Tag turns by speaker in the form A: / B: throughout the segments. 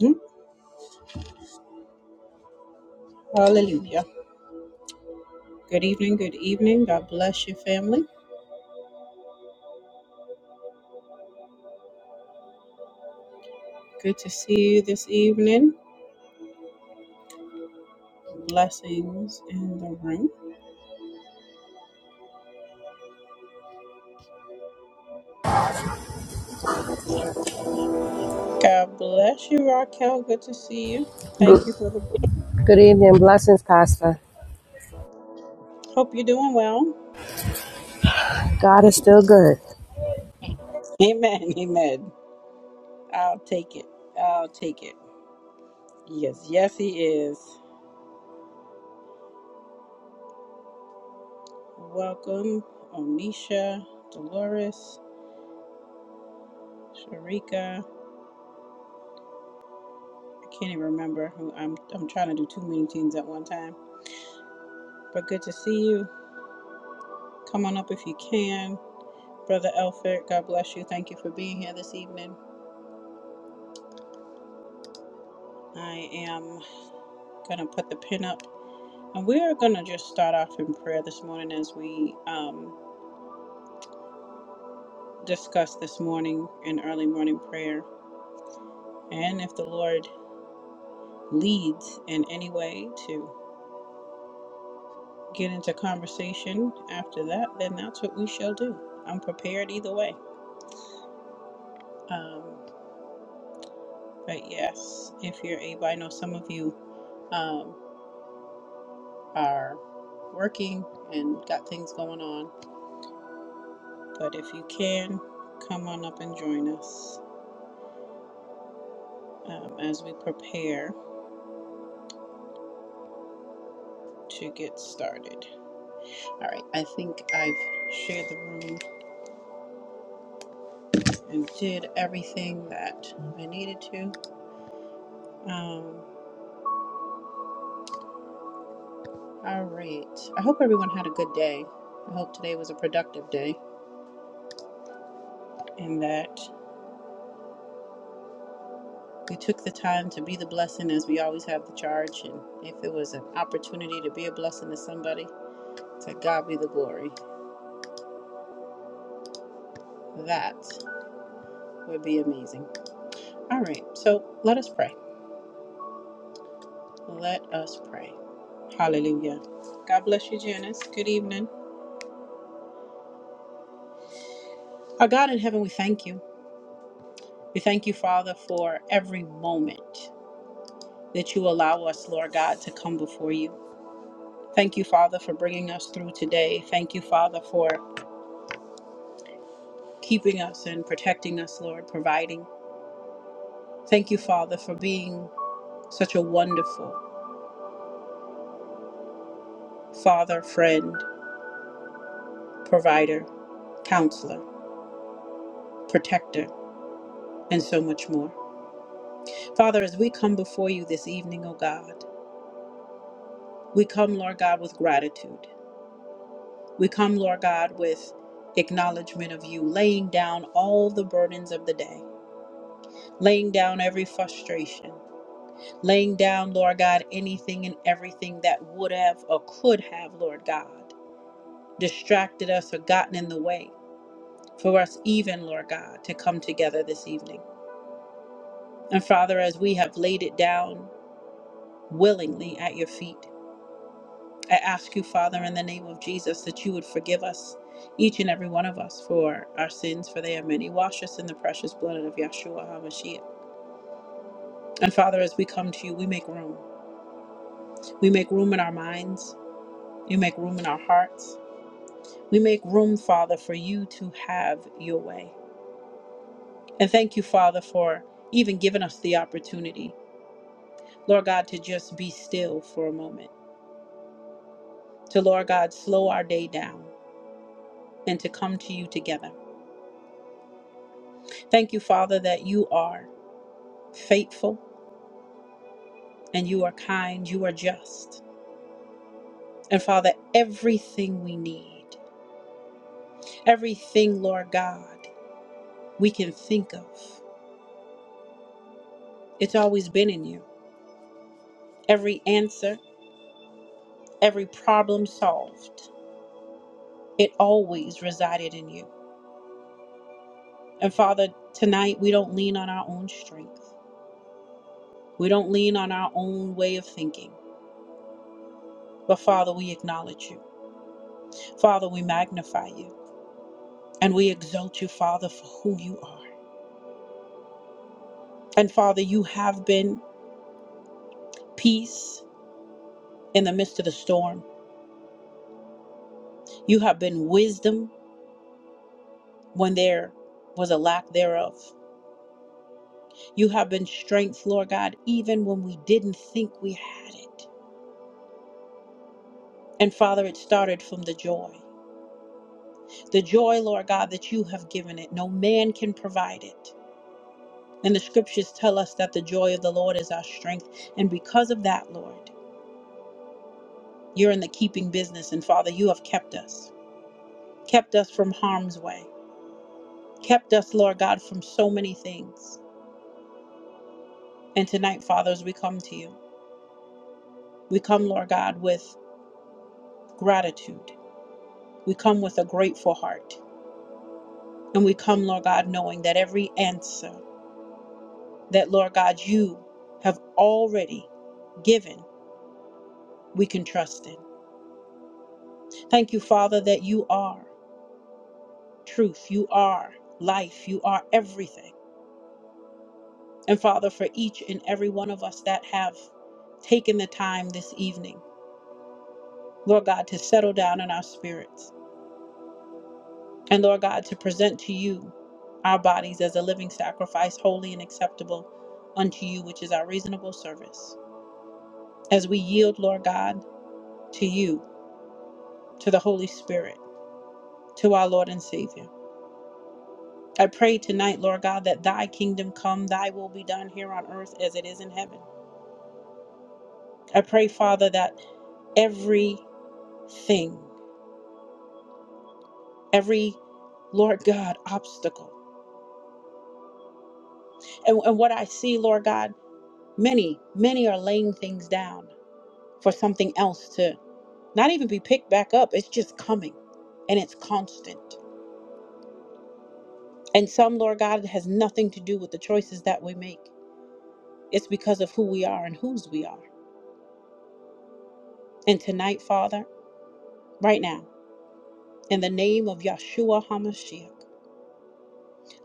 A: Mm, Hallelujah. Good evening. Good evening. God bless you, family. Good to see you this evening. Blessings in the room. God bless you, Raquel. Good to see you. Thank you for the.
B: Good evening. Blessings, Pastor.
A: Hope you're doing well.
B: God is still good.
A: Amen. Amen. I'll take it. I'll take it. Yes. Yes, he is. Welcome, Onisha, Dolores, Sharika. I can't even remember who I'm. I'm trying to do too many teams at one time. But good to see you. Come on up if you can Brother Elford, God bless you. Thank you for being here this evening. I am going to put the pin up. And we are going to just start off in prayer this morning as we um, discuss this morning in early morning prayer. And if the Lord leads in any way to get into conversation after that, then that's what we shall do. I'm prepared either way. Um, but yes, if you're able, I know some of you um, are working and got things going on. But if you can, come on up and join us um, as we prepare to get started. All right, I think I've shared the room and did everything that I needed to. Um, all right. I hope everyone had a good day. I hope today was a productive day and that we took the time to be the blessing as we always have the charge. And if it was an opportunity to be a blessing to somebody, to God be the glory. That would be amazing. All right, so let us pray. Let us pray. Hallelujah. God bless you, Janice. Good evening. Our God in heaven, we thank you. We thank you, Father, for every moment that you allow us, Lord God, to come before you. Thank you, Father, for bringing us through today. Thank you, Father, for keeping us and protecting us, Lord, providing. Thank you, Father, for being such a wonderful Father, friend, provider, counselor, protector, and so much more. Father, as we come before you this evening, O God, we come, Lord God, with gratitude. We come, Lord God, with acknowledgement of you, laying down all the burdens of the day, laying down every frustration, laying down, Lord God, anything and everything that would have or could have, Lord God, distracted us or gotten in the way for us, even, Lord God, to come together this evening. And Father, as we have laid it down willingly at your feet, I ask you, Father, in the name of Jesus, that you would forgive us, each and every one of us, for our sins, for they are many. Wash us in the precious blood of Yeshua HaMashiach. And Father, as we come to you, we make room. We make room in our minds, you make room in our hearts. We make room, Father, for you to have your way. And thank you, Father, for even giving us the opportunity, Lord God, to just be still for a moment, to, Lord God, slow our day down and to come to you together. Thank you, Father, that you are. faithful and you are kind, you are just. And Father, everything we need, everything, Lord God, we can think of, it's always been in you. Every answer, every problem solved, it always resided in you. And Father, tonight we don't lean on our own strength, we don't lean on our own way of thinking. But Father, we acknowledge you. Father, we magnify you. And we exalt you, Father, for who you are. And Father, you have been peace in the midst of the storm. You have been wisdom when there was a lack thereof. You have been strength, Lord God, even when we didn't think we had it. And Father, it started from the joy. The joy, Lord God, that you have given it. No man can provide it. And the scriptures tell us that the joy of the Lord is our strength. And because of that, Lord, you're in the keeping business. And Father, you have kept us, kept us from harm's way, kept us, Lord God, from so many things. And tonight, Father, as we come to you. We come, Lord God, with gratitude. We come with a grateful heart. And we come, Lord God, knowing that every answer that, Lord God, you have already given, we can trust in. Thank you, Father, that you are truth, you are life, you are everything. And Father, for each and every one of us that have taken the time this evening, Lord God, to settle down in our spirits And Lord God, to present to you our bodies as a living sacrifice, holy and acceptable unto you, which is our reasonable service. As we yield, Lord God, to you, to the Holy Spirit, to our Lord and Savior. I pray tonight, Lord God, that thy kingdom come, thy will be done here on earth as it is in heaven. I pray, Father, that everything, every, Lord God, obstacle. And, and what I see, Lord God, many, many are laying things down for something else to. not even be picked back up. It's just coming and it's constant. And some, Lord God, it has nothing to do with the choices that we make. It's because of who we are and whose we are. And tonight, Father, right now, in the name of Yahshua HaMashiach,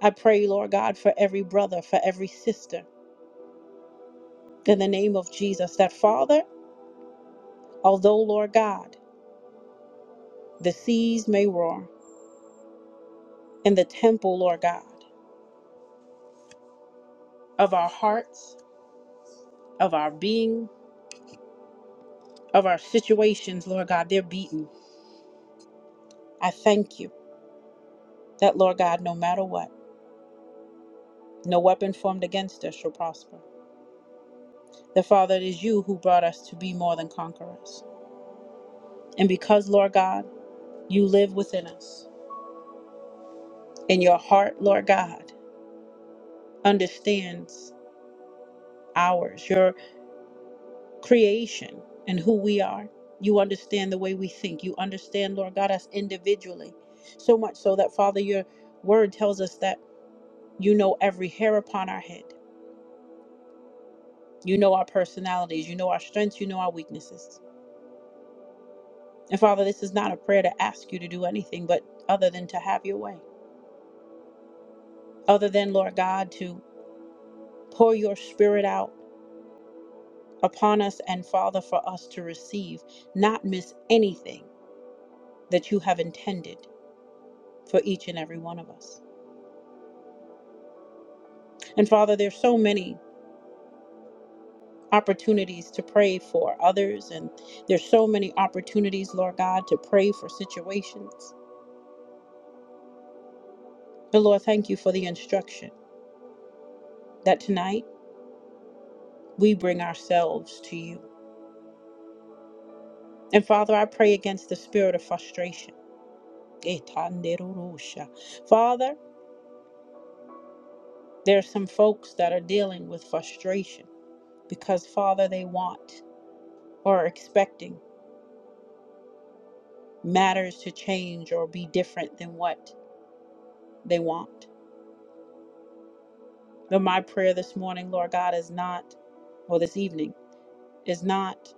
A: I pray, Lord God, for every brother, for every sister, in the name of Jesus, that Father, although, Lord God, the seas may roar in the temple, Lord God, of our hearts, of our being, of our situations, Lord God, they're beaten. I thank you. that, Lord God, no matter what, no weapon formed against us shall prosper. That, Father, it is you who brought us to be more than conquerors. And because, Lord God, you live within us, and your heart, Lord God, understands ours, your creation, and who we are. You understand the way we think. You understand, Lord God, us individually. So much so that, Father, your word tells us that you know every hair upon our head. You know our personalities. You know our strengths. You know our weaknesses. And Father, this is not a prayer to ask you to do anything but other than to have your way, other than, Lord God, to pour your spirit out upon us and, Father, for us to receive, not miss anything that you have intended for each and every one of us. And Father, there's so many opportunities to pray for others, and there's so many opportunities, Lord God, to pray for situations. But Lord, thank you for the instruction that tonight we bring ourselves to you And Father, I pray against the spirit of frustration. Etanderurusha. Father, there are some folks that are dealing with frustration because, Father, they want or are expecting matters to change or be different than what they want. But my prayer this morning, Lord God, is not, or this evening, is not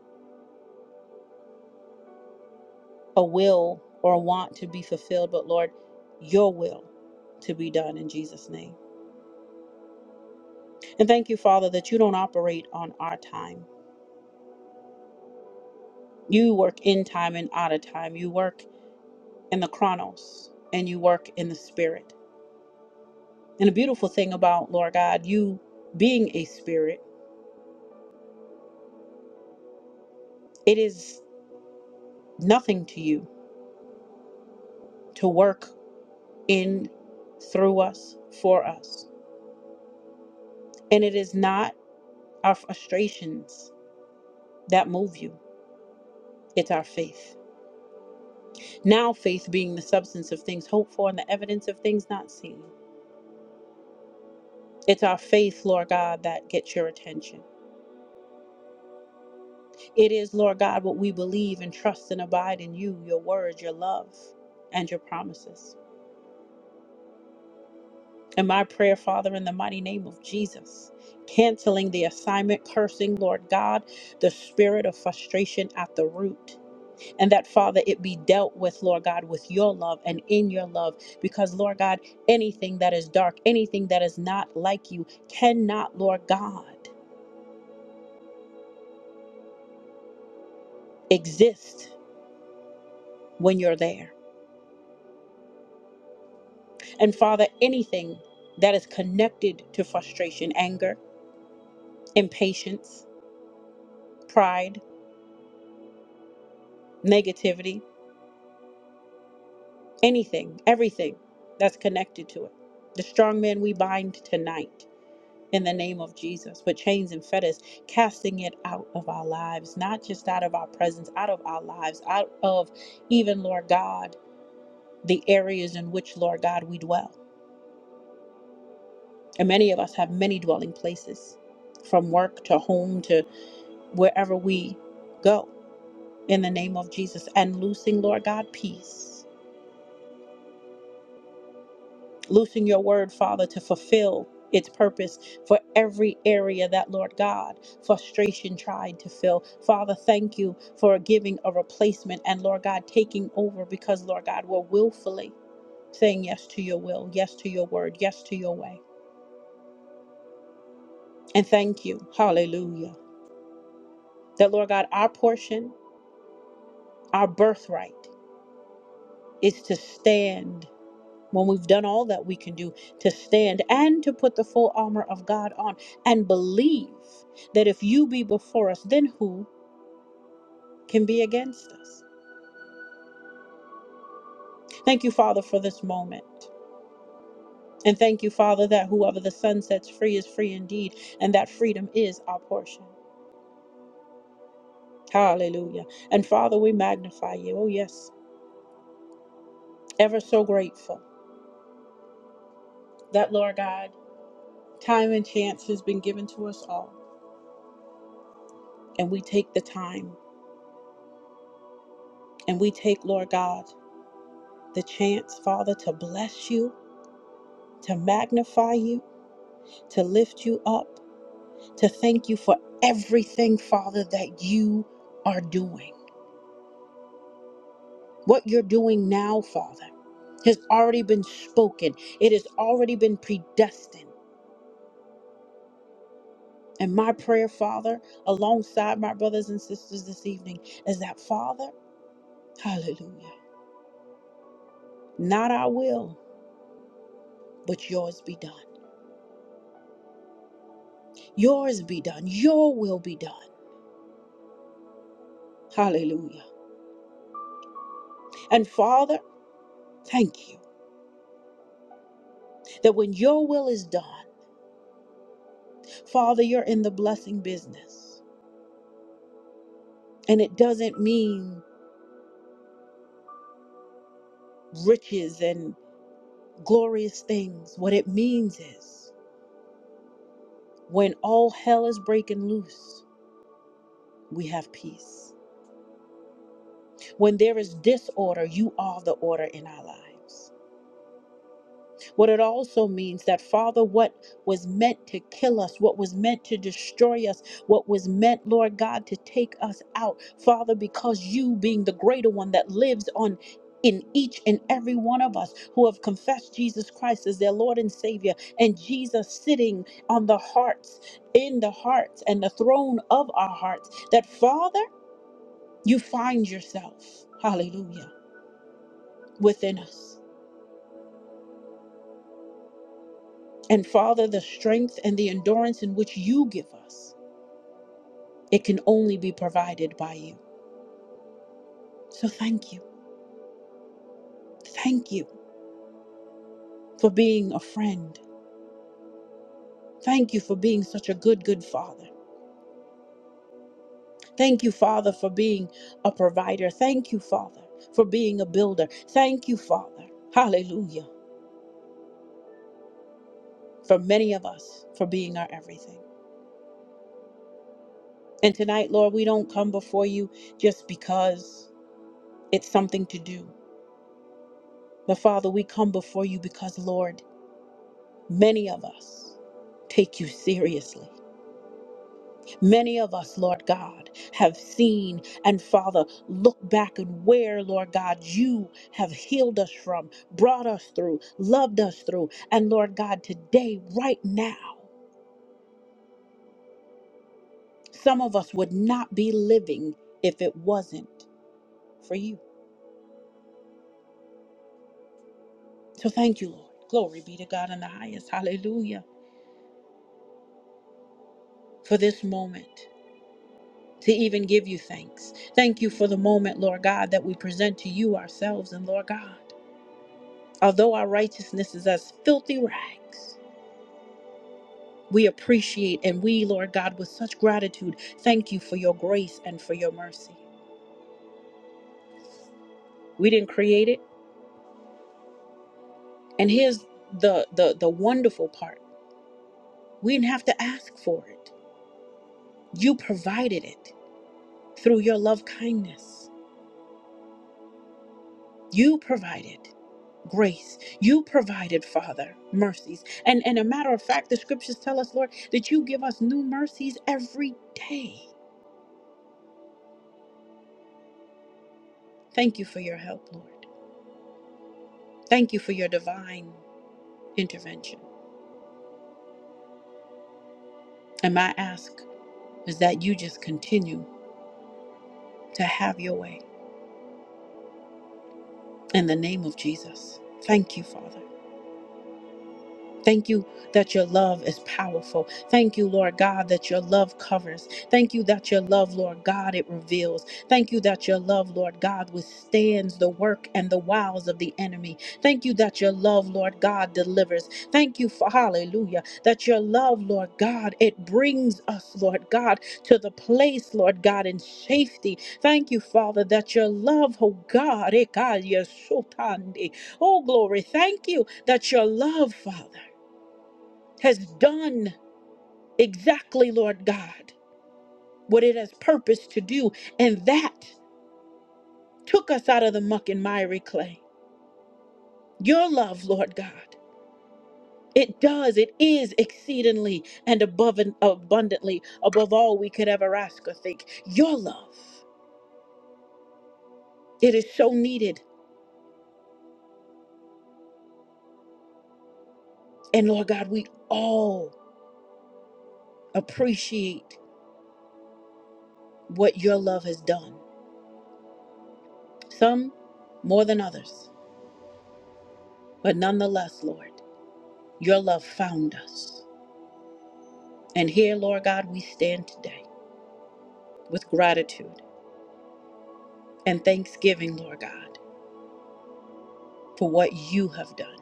A: a will or a want to be fulfilled, but Lord, your will to be done in Jesus' name. And thank you, Father, that you don't operate on our time You work in time and out of time. You work in the chronos and you work in the spirit. And the beautiful thing about Lord God, you being a spirit, it is nothing to you to work in, through us, for us. And it is not our frustrations that move you, it's our faith. Now, faith being the substance of things hoped for and the evidence of things not seen. It's our faith, Lord God, that gets your attention. It is, Lord God, what we believe and trust and abide in you, your word, your love, and your promises. And my prayer, Father, in the mighty name of Jesus, canceling the assignment, cursing, Lord God, the spirit of frustration at the root. And that, Father, it be dealt with, Lord God, with your love and in your love. Because, Lord God, anything that is dark, anything that is not like you, cannot, Lord God, exist when you're there. And Father, anything that is connected to frustration, anger, impatience, pride, negativity, anything, everything that's connected to it. The strong man we bind tonight in the name of Jesus with chains and fetters, casting it out of our lives, not just out of our presence, out of our lives, out of even, Lord God, the areas in which, Lord God, we dwell. And many of us have many dwelling places from work to home to wherever we go. in the name of Jesus and loosing, Lord God, peace. Loosing your word, Father, to fulfill its purpose for every area that, Lord God, frustration tried to fill. Father, thank you for giving a replacement and, Lord God, taking over because, Lord God, we're willfully saying yes to your will, yes to your word, yes to your way. And thank you, hallelujah, that, Lord God, our portion, our birthright is to stand when we've done all that we can do to stand and to put the full armor of God on and believe that if you be before us, then who can be against us? Thank you, Father, for this moment. And thank you, Father, that whoever the sun sets free is free indeed, and that freedom is our portion. Hallelujah. And Father, we magnify you. Oh, yes. Ever so grateful that, Lord God, time and chance has been given to us all. And we take the time and we take, Lord God, the chance, Father, to bless you, to magnify you, to lift you up, to thank you for everything, Father, that you are doing. What you're doing now, Father, has already been spoken, it has already been predestined. And my prayer, Father, alongside my brothers and sisters this evening, is that, Father, hallelujah, not our will, but yours be done. Yours be done. Your will be done. Hallelujah. And Father, thank you. That when your will is done, Father, you're in the blessing business. And it doesn't mean riches and glorious things. What it means is when all hell is breaking loose, we have peace. When there is disorder, you are the order in our lives. What it also means that, Father, what was meant to kill us, what was meant to destroy us, what was meant, Lord God, to take us out, Father, because you being the greater one that lives on. In each and every one of us who have confessed Jesus Christ as their Lord and Savior, and Jesus sitting on the hearts, in the hearts, and the throne of our hearts, that Father, you find yourself, hallelujah, within us. And Father, the strength and the endurance in which you give us, it can only be provided by you. So thank you. Thank you for being a friend. Thank you for being such a good, good Father. Thank you, Father, for being a provider. Thank you, Father, for being a builder. Thank you, Father. Hallelujah. For many of us, for being our everything. And tonight, Lord, we don't come before you just because it's something to do. But Father, we come before you because, Lord, Many of us take you seriously. Many of us, Lord God, have seen and, Father, look back and where, Lord God, you have healed us from, brought us through, loved us through. And, Lord God, today, right now, some of us would not be living if it wasn't for you. So thank you, Lord. Glory be to God in the highest. Hallelujah. For this moment. to even give you thanks. Thank you for the moment, Lord God, that we present to you ourselves. And Lord God, although our righteousness is as filthy rags, we appreciate and we, Lord God, with such gratitude, thank you for your grace and for your mercy. We didn't create it. And here's the the, the wonderful part. We didn't have to ask for it. You provided it through your love kindness. You provided. grace. You provided, Father, mercies. And and a matter of fact, the scriptures tell us, Lord, that you give us new mercies every day. Thank you for your help, Lord. Thank you for your divine intervention. And my ask is that you just continue to have your way in the name of Jesus. Thank you, Father. Thank you that your love is powerful. Thank you, Lord God, that your love covers. Thank you that your love, Lord God, it reveals. Thank you that your love, Lord God, withstands the work and the wiles of the enemy. Thank you that your love, Lord God, delivers. Thank you for hallelujah that your love, Lord God, it brings us, Lord God, to the place, Lord God, in safety. Thank you, Father, that your love, oh God, ekayesotande. oh glory. Thank you that your love, Father has done exactly, Lord God, what it has purposed to do. And that took us out of the muck and miry clay. Your love, Lord God, it does, it is exceedingly and above and abundantly above all we could ever ask or think. Your love, it is so needed. And Lord God, we all appreciate what your love has done. Some more than others, but nonetheless, Lord, your love found us. And here, Lord God, we stand today with gratitude and thanksgiving, Lord God, for what you have done.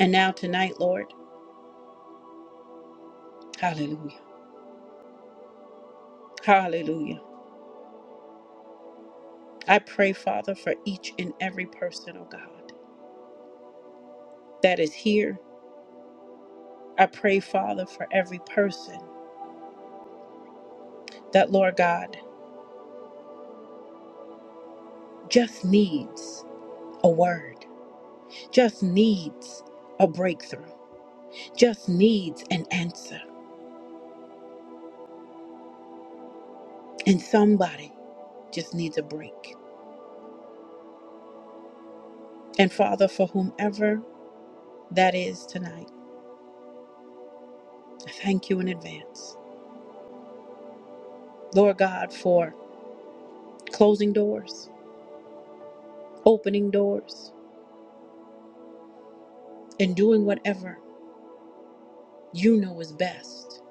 A: And now, tonight, Lord, hallelujah, hallelujah. I pray, Father, for each and every person, oh God, that is here. I pray, Father, for every person that, Lord God, just needs a word, just needs a breakthrough, just needs an answer. And somebody just needs a break. And Father, for whomever that is tonight. I thank you in advance, Lord God, for closing doors, opening doors, and doing whatever you know is best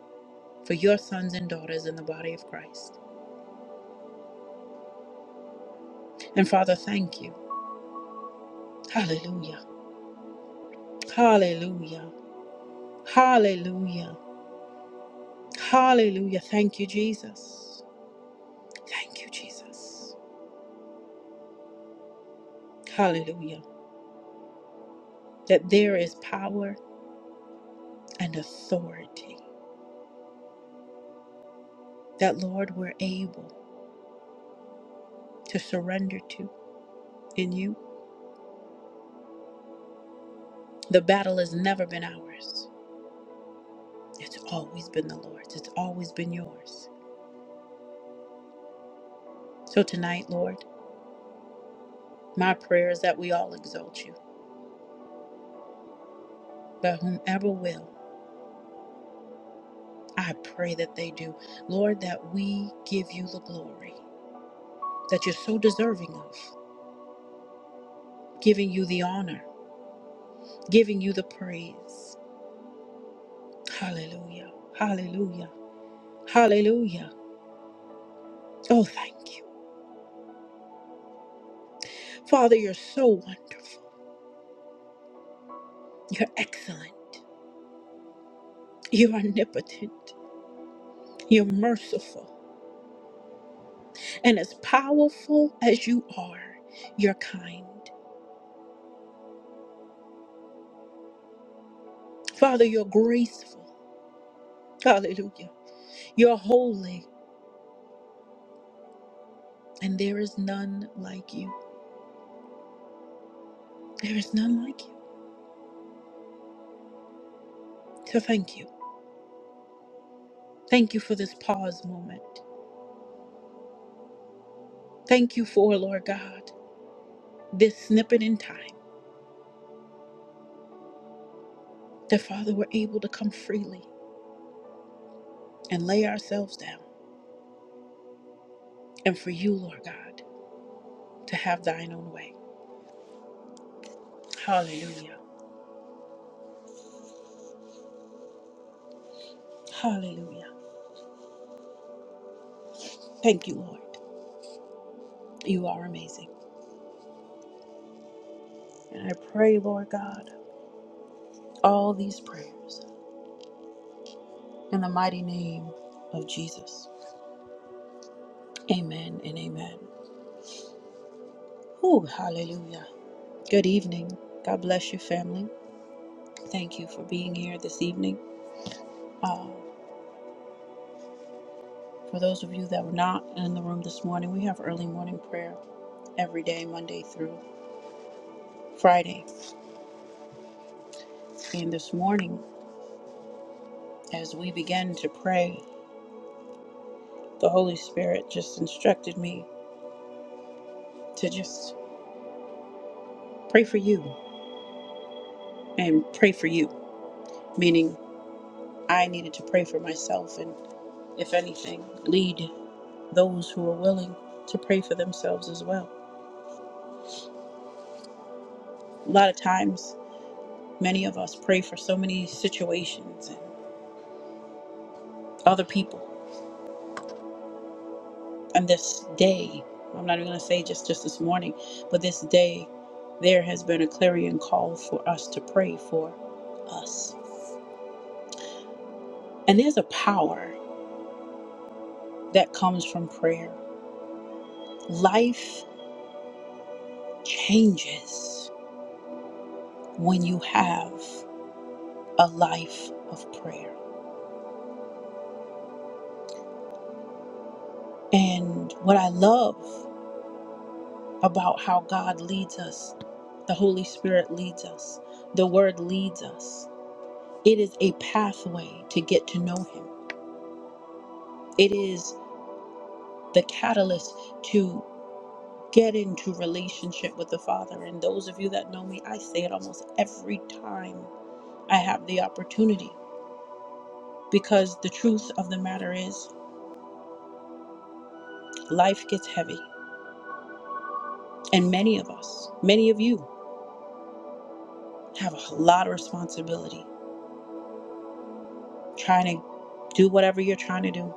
A: for your sons and daughters in the body of Christ. And Father, thank you. Hallelujah. Hallelujah. Hallelujah. Hallelujah. Thank you, Jesus. Thank you, Jesus. Hallelujah. That there is power and authority that, Lord, we're able to surrender to in you The battle has never been ours. It's always been the Lord's. It's always been yours. So tonight, Lord, my prayer is that we all exalt you, but whomever will, I pray that they do. Lord, that we give you the glory that you're so deserving of, giving you the honor, giving you the praise. Hallelujah. Hallelujah. Hallelujah. Oh, thank you. Father, you're so wonderful. You're excellent. You're omnipotent. You're merciful. And as powerful as you are, you're kind. Father, you're graceful. Hallelujah. You're holy. And there is none like you. There is none like you. So thank you. Thank you for this pause moment. Thank you for, Lord God, this snippet in time that, Father, we're able to come freely and lay ourselves down. And for you, Lord God, to have thine own way. Hallelujah. Hallelujah. Thank you, Lord. You are amazing. And I pray, Lord God. all these prayers in the mighty name of Jesus. Amen and amen. Whew, hallelujah. Good evening. God bless your family. Thank you for being here this evening. Uh, for those of you that were not in the room this morning, we have early morning prayer every day, Monday through Friday. And this morning, as we began to pray, the Holy Spirit just instructed me to just pray for you and pray for you, meaning I needed to pray for myself and. if anything, lead those who are willing to pray for themselves as well. A lot of times, many of us pray for so many situations and other people. And this day, I'm not even going to say just, just this morning, but this day, there has been a clarion call for us to pray for us. And there's a power that comes from prayer. Life changes when you have a life of prayer. And what I love about how God leads us. The Holy Spirit leads us. The Word leads us. It is a pathway to get to know Him, it is the catalyst to get into relationship with the Father. And those of you that know me, I say it almost every time I have the opportunity because the truth of the matter is life gets heavy. And many of us, many of you, have a lot of responsibility trying to do whatever you're trying to do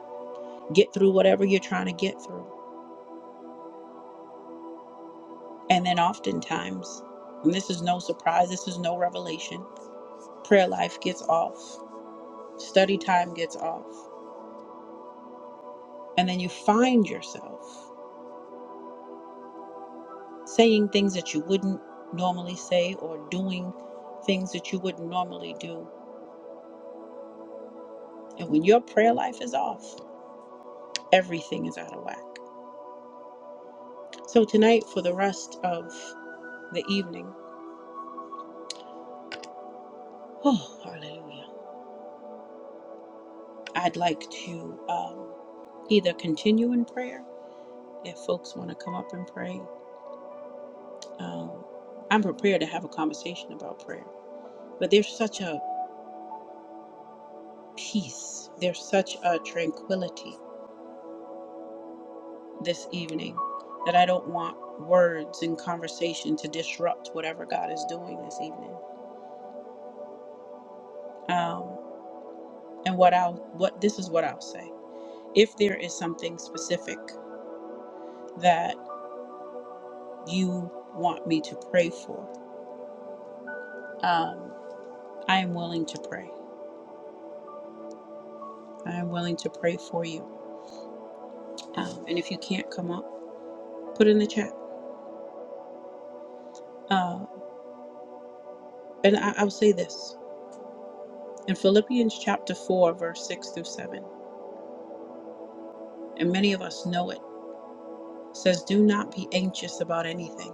A: get through whatever you're trying to get through. And then oftentimes, and this is no surprise, this is no revelation, prayer life gets off, study time gets off, and then you find yourself saying things that you wouldn't normally say or doing things that you wouldn't normally do. And when your prayer life is off, everything is out of whack. So tonight, for the rest of the evening, oh, hallelujah, I'd like to um, either continue in prayer If folks want to come up and pray, um, I'm prepared to have a conversation about prayer. But there's such a peace, there's such a tranquility this evening that I don't want words and conversation to disrupt whatever God is doing this evening. Um, and what I'll, what this is what I'll say. If there is something specific that you want me to pray for, um, I am willing to pray. I am willing to pray for you. Um, and if you can't come up, put in the chat Uh, and I, I'll say this in Philippians chapter 4, verse 6 through 7, and many of us know it, says, Do not be anxious about anything,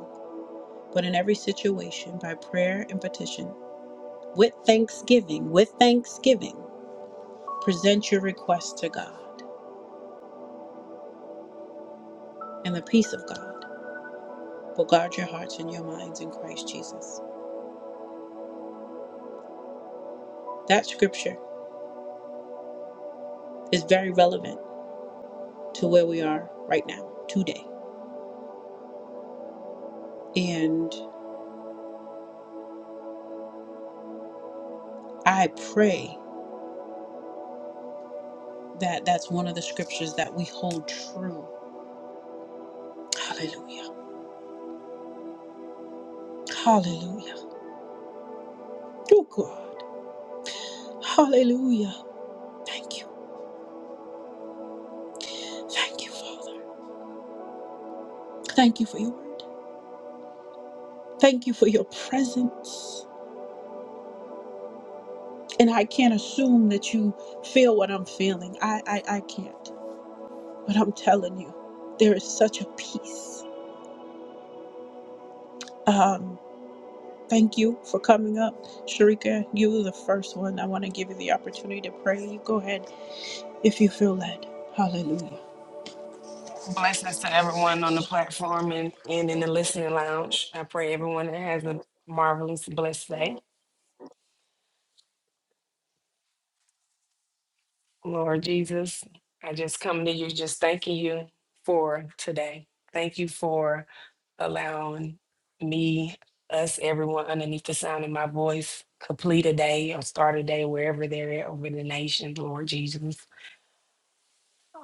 A: but in every situation, by prayer and petition, with thanksgiving, with thanksgiving, present your requests to God, and the peace of God will guard your hearts and your minds in Christ Jesus. That scripture is very relevant to where we are right now, today. And I pray. That that's one of the scriptures that we hold true. Hallelujah. Hallelujah. Oh God. Hallelujah. Thank you. Thank you, Father. Thank you for your word. Thank you for your presence. And I can't assume that you feel what I'm feeling. I I, I can't. But I'm telling you, there is such a peace. Um Thank you for coming up. Sharika, you were the first one. I want to give you the opportunity to pray. You go ahead if you feel led. Hallelujah.
C: Blessings to everyone on the platform and, and in the listening lounge. I pray everyone has a marvelous, blessed day. Lord Jesus, I just come to you just thanking you for today. Thank you for allowing me, us, everyone underneath the sound of my voice, complete a day or start a day wherever they're at over the nation, Lord Jesus.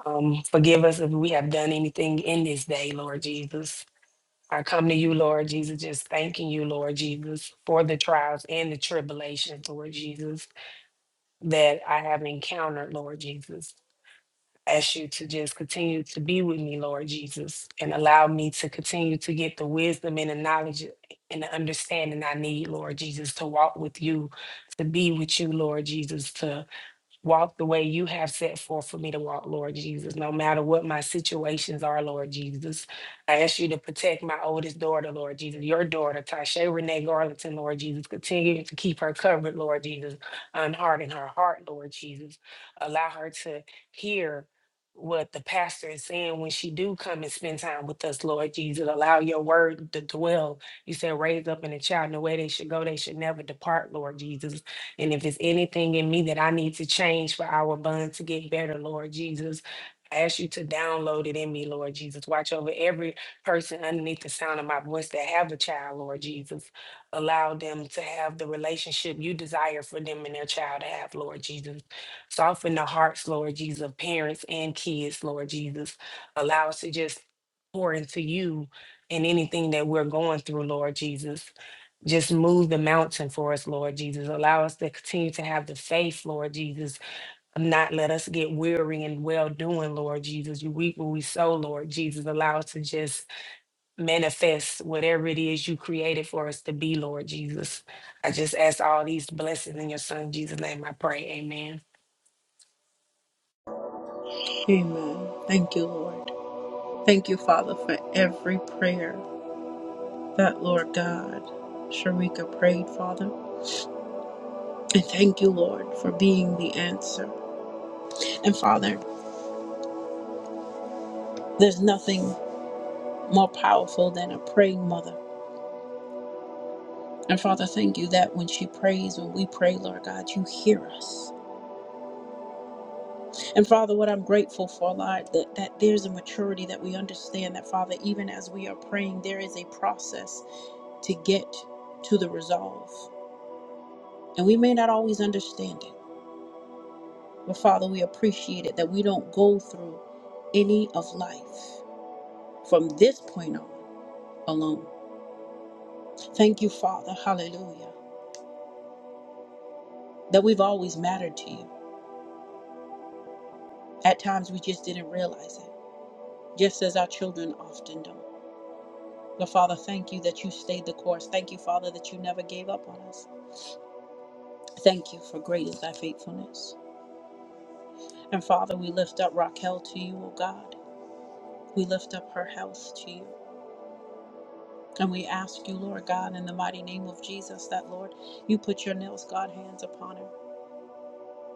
C: Um, forgive us if we have done anything in this day, Lord Jesus I come to you, Lord Jesus, just thanking you, Lord Jesus, for the trials and the tribulations, Lord Jesus, that I have encountered, Lord Jesus. Ask you to just continue to be with me, Lord Jesus, and allow me to continue to get the wisdom and the knowledge and the understanding I need, Lord Jesus, to walk with you, to be with you, Lord Jesus, to. Walk the way you have set forth for me to walk, Lord Jesus, no matter what my situations are, Lord Jesus. I ask you to protect my oldest daughter, Lord Jesus, your daughter, Tasha Renee Garlington, Lord Jesus. Continue to keep her covered, Lord Jesus, unharden her heart, Lord Jesus. Allow her to hear what the pastor is saying when she do come and spend time with us, Lord Jesus. Allow your word to dwell. You said raise up in a child in the way they should go, they should never depart, Lord Jesus. And if it's anything in me that I need to change for our bond to get better, Lord Jesus, I ask you to download it in me, Lord Jesus. Watch over every person underneath the sound of my voice that have a child, Lord Jesus. Allow them to have the relationship you desire for them and their child to have, Lord Jesus. Soften the hearts, Lord Jesus, of parents and kids, Lord Jesus. Allow us to just pour into you and anything that we're going through, Lord Jesus just move the mountain for us, Lord Jesus. Allow us to continue to have the faith, Lord Jesus. Not let us get weary in well doing, Lord Jesus. You reap what we sow, Lord Jesus. Allow us to just manifest whatever it is you created for us to be, Lord Jesus. I just ask all these blessings in your son Jesus' name. I pray. Amen.
A: Amen. Thank you, Lord. Thank you, Father, for every prayer that, Lord God, Sharika prayed, Father. And thank you, Lord, for being the answer. And Father, there's nothing more powerful than a praying mother. And Father, thank you that when she prays, when we pray, Lord God, you hear us. And Father, what I'm grateful for, Lord, that, that there's a maturity that we understand that, Father, even as we are praying, there is a process to get to the resolve. And we may not always understand it. But Father, we appreciate it that we don't go through any of life from this point on alone. Thank you, Father. Hallelujah. That we've always mattered to you. At times we just didn't realize it, just as our children often don't. But Father, thank you that you stayed the course. Thank you, Father, that you never gave up on us. Thank you for great is thy faithfulness. And Father, we lift up Raquel to you, O God. We lift up her health to you. And we ask you, Lord God, in the mighty name of Jesus, that, Lord, you put your nails, God, hands upon her.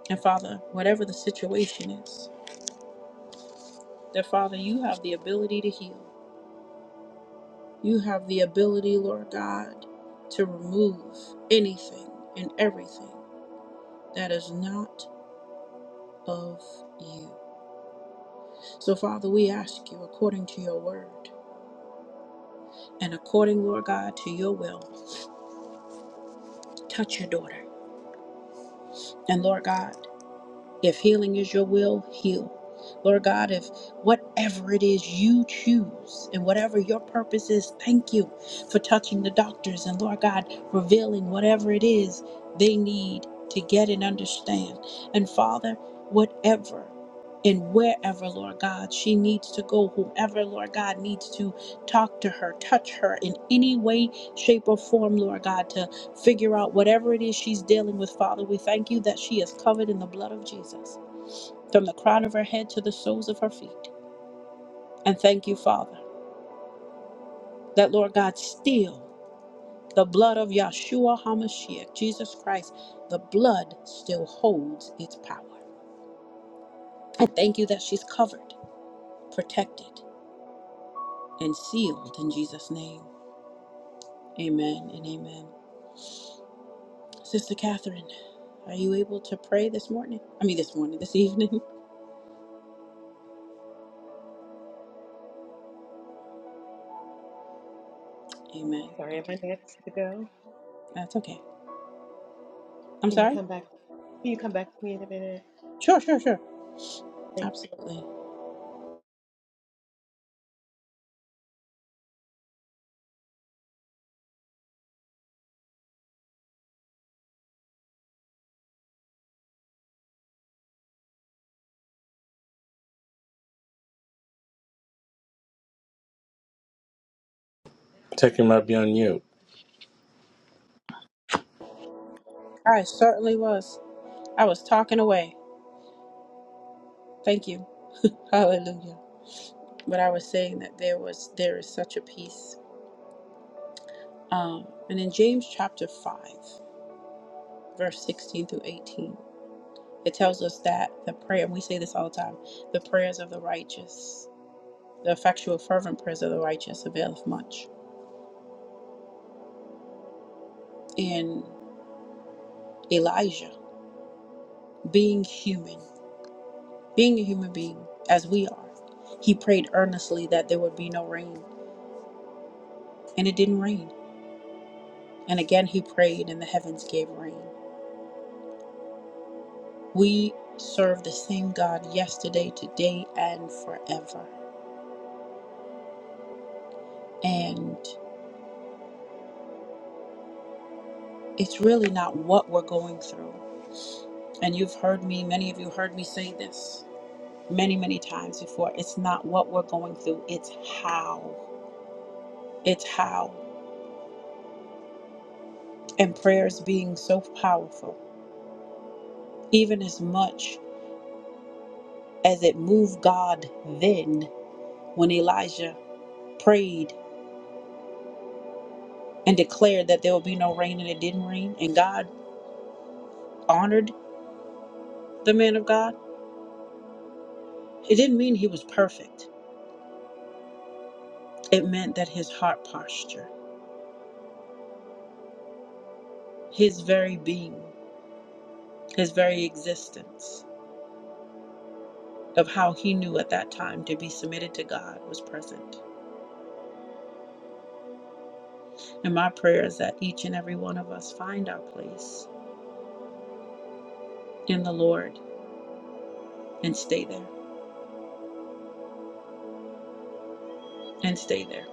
A: And Father, whatever the situation is, that, Father, you have the ability to heal. You have the ability, Lord God, to remove anything and everything that is not of you. So, Father, we ask you, according to your word and according, Lord God, to your will, touch your daughter. And, Lord God, If healing is your will, heal. Lord God, if whatever it is you choose and whatever your purpose is, thank you for touching the doctors and Lord God, revealing whatever it is they need to get and understand. And Father, whatever and wherever, Lord God, she needs to go, whoever, Lord God, needs to talk to her, touch her in any way, shape, or form, Lord God, to figure out whatever it is she's dealing with, Father. We thank you that she is covered in the blood of Jesus from the crown of her head to the soles of her feet. And thank you, Father, that Lord God, still the blood of Yahshua HaMashiach, Jesus Christ, the blood still holds its power. And thank you that she's covered, protected, and sealed in Jesus' name. Amen and amen. Sister Catherine, are you able to pray this morning? I mean, this morning, this evening?
D: Oh, I'm
A: Amen.
D: sorry, am I next to go?
A: That's okay. I'm
D: Can you
A: sorry?
D: come back? Can you come back to me in a minute?
A: Sure, sure, sure.
D: Thank
A: Absolutely.
E: Taking might be on you.
A: I certainly was. I was talking away. Thank you. Hallelujah. But I was saying that there was there is such a peace. Um, and in James chapter five, verse sixteen through eighteen, it tells us that the prayer and we say this all the time, the prayers of the righteous, the effectual fervent prayers of the righteous availeth much. And Elijah, being human, being a human being, as we are, he prayed earnestly that there would be no rain and it didn't rain. And again he prayed, and the heavens gave rain. We serve the same God yesterday, today, and forever. And it's really not what we're going through. And you've heard me, many of you heard me say this many, many times before. It's not what we're going through, it's how. It's how. And prayers being so powerful, even as much as it moved God then when Elijah prayed and declared that there would be no rain and it didn't rain and God honored the man of God, it didn't mean he was perfect. It meant that his heart posture, his very being, his very existence of how he knew at that time to be submitted to God was present. And my prayer is that each and every one of us find our place in the Lord and stay there and stay there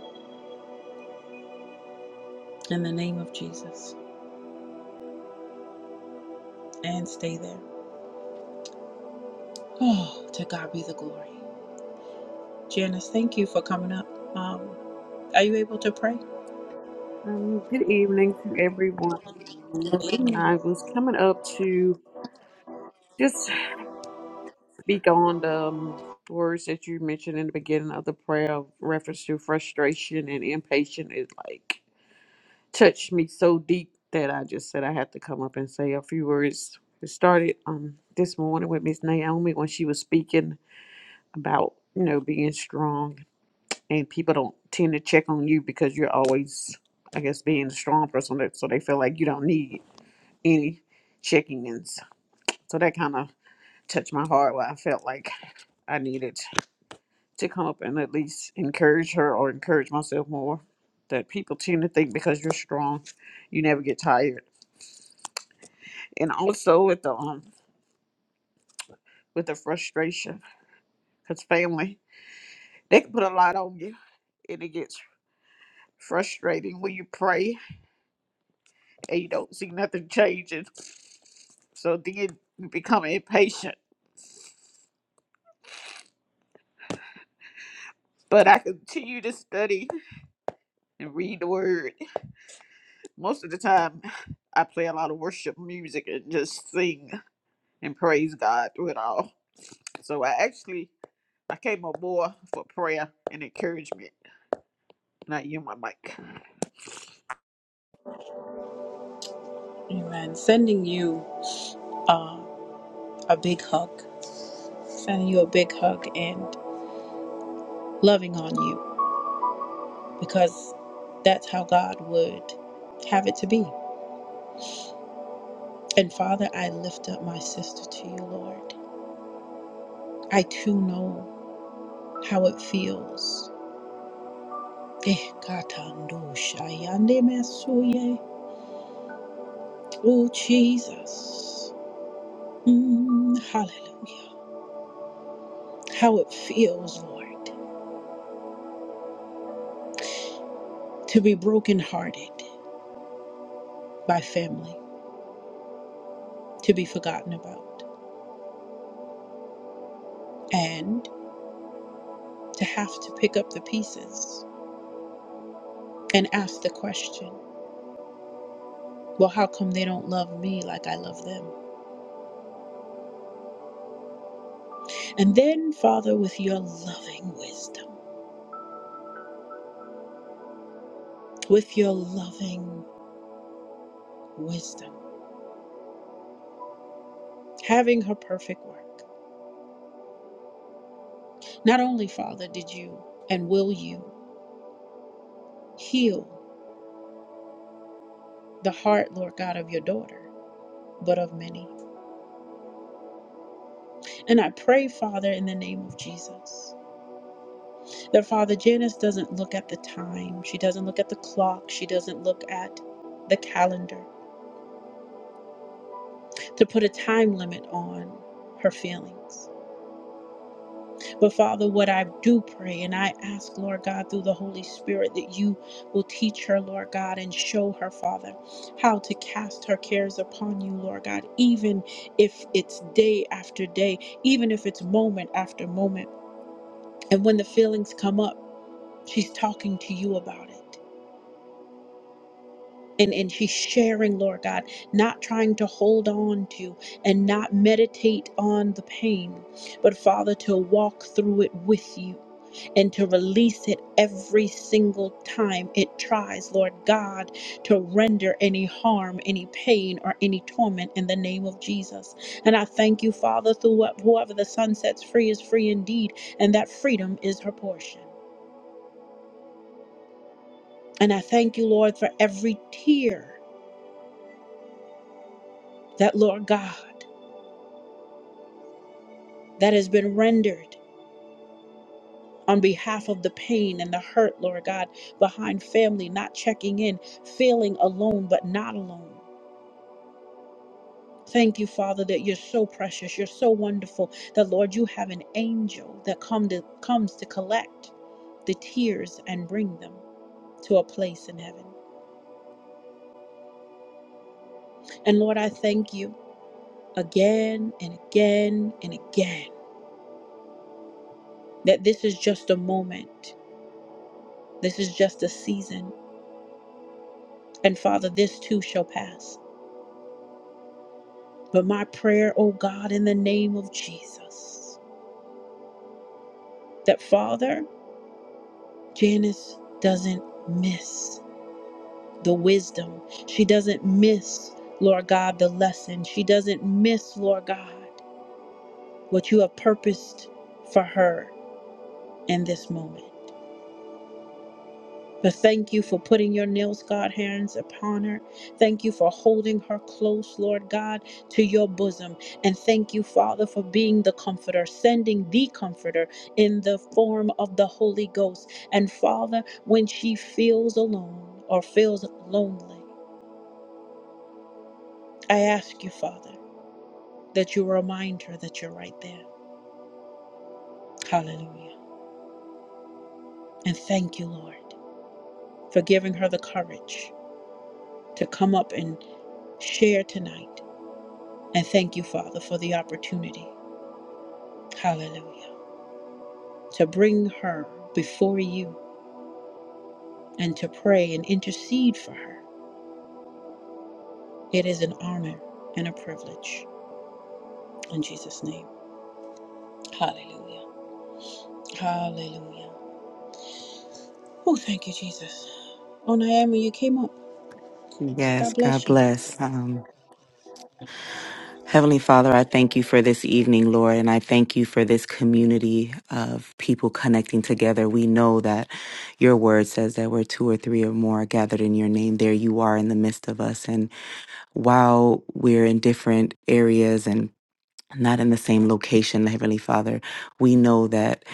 A: in the name of Jesus and stay there. Oh, to God be the glory. Janice, thank you for coming up. Um, Are you able to pray?
F: Um, good evening to everyone. Um,
A: Amen.
F: I was coming up to just speak on the um, words that you mentioned in the beginning of the prayer, of reference to frustration and impatient. It like touched me so deep that I just said I had to come up and say a few words. It started um this morning with Miss Naomi when she was speaking about you know being strong and people don't tend to check on you because you're always I guess being a strong person that so they feel like you don't need any checking ins. So that kind of touched my heart where I felt like I needed to come up and at least encourage her or encourage myself more. That people tend to think because you're strong, you never get tired. And also with the um with the frustration, because family they can put a lot on you, and it gets frustrating when you pray and you don't see nothing changing. So then you become impatient. But I continue to study and read the word most of the time I play a lot of worship music and just sing and praise God through it all. So I actually I came aboard for prayer and encouragement. Not you, my mic.
A: Amen. Sending you uh, a big hug. Sending you a big hug and loving on you because that's how God would have it to be. And Father, I lift up my sister to you, Lord. I too know how it feels. Eh, katando shayande masuye. Oh, Jesus. Mm, hallelujah. How it feels, Lord, to be brokenhearted by family to be forgotten about and to have to pick up the pieces and ask the question, well, how come they don't love me like I love them? And then, Father, with your loving wisdom, with your loving wisdom, having her perfect work, not only, Father, did you and will you heal the heart, Lord God, of your daughter, but of many. And I pray, Father, in the name of Jesus. that Father Janice doesn't look at the time. She doesn't look at the clock. She doesn't look at the calendar to put a time limit on her feelings. But Father, what I do pray and I ask, Lord God, through the Holy Spirit, that you will teach her, Lord God, and show her, Father, how to cast her cares upon you, Lord God, even if it's day after day, even if it's moment after moment. And when the feelings come up, she's talking to you about it. and and she's sharing lord god not trying to hold on to and not meditate on the pain but father to walk through it with you and to release it every single time it tries, Lord God, to render any harm, any pain, or any torment in the name of Jesus. And I thank you, Father, through what- whoever the sun sets free is free indeed, and that freedom is her portion. And I thank you, Lord, for every tear that, Lord God, that has been rendered on behalf of the pain and the hurt, Lord God, behind family, not checking in, feeling alone, but not alone. Thank you, Father, that you're so precious, you're so wonderful, that Lord, you have an angel that come to, comes to collect the tears and bring them to a place in heaven. And Lord, I thank you again and again and again that this is just a moment, this is just a season, and Father, this too shall pass. But my prayer, oh God, in the name of Jesus, that Father, Janice doesn't miss the wisdom. She doesn't miss, Lord God, the lesson. She doesn't miss, Lord God, what you have purposed for her in this moment. But thank you for putting your nails, God, hands upon her. Thank you for holding her close, Lord God, to your bosom. And thank you, Father, for being the comforter, sending the comforter in the form of the Holy Ghost. And Father, when she feels alone or feels lonely, I ask you, Father, that you remind her that you're right there. Hallelujah. And thank you, Lord, for giving her the courage to come up and share tonight. And thank you, Father, for the opportunity, hallelujah, to bring her before you and to pray and intercede for her. It is an honor and a privilege. In Jesus' name, hallelujah. Hallelujah. Oh, thank you, Jesus. Oh, Naomi, you came up.
G: Yes,
A: God
G: God
A: bless you.
G: bless. Um, Heavenly Father, I thank you for this evening, Lord, and I thank you for this community of people connecting together. We know that your word says that where two or three or more are gathered in your name, there you are in the midst of us. And while we're in different areas and not in the same location, Heavenly Father, we know that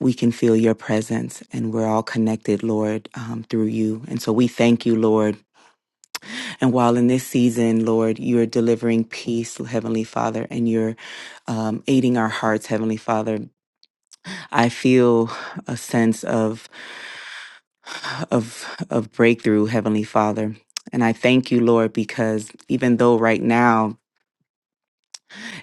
G: we can feel your presence and we're all connected, Lord, um, through you. And so we thank you, Lord And while in this season, Lord, you're delivering peace, Heavenly Father, and you're um, aiding our hearts, Heavenly Father, I feel a sense of of of breakthrough, Heavenly Father. And I thank you, Lord, because even though right now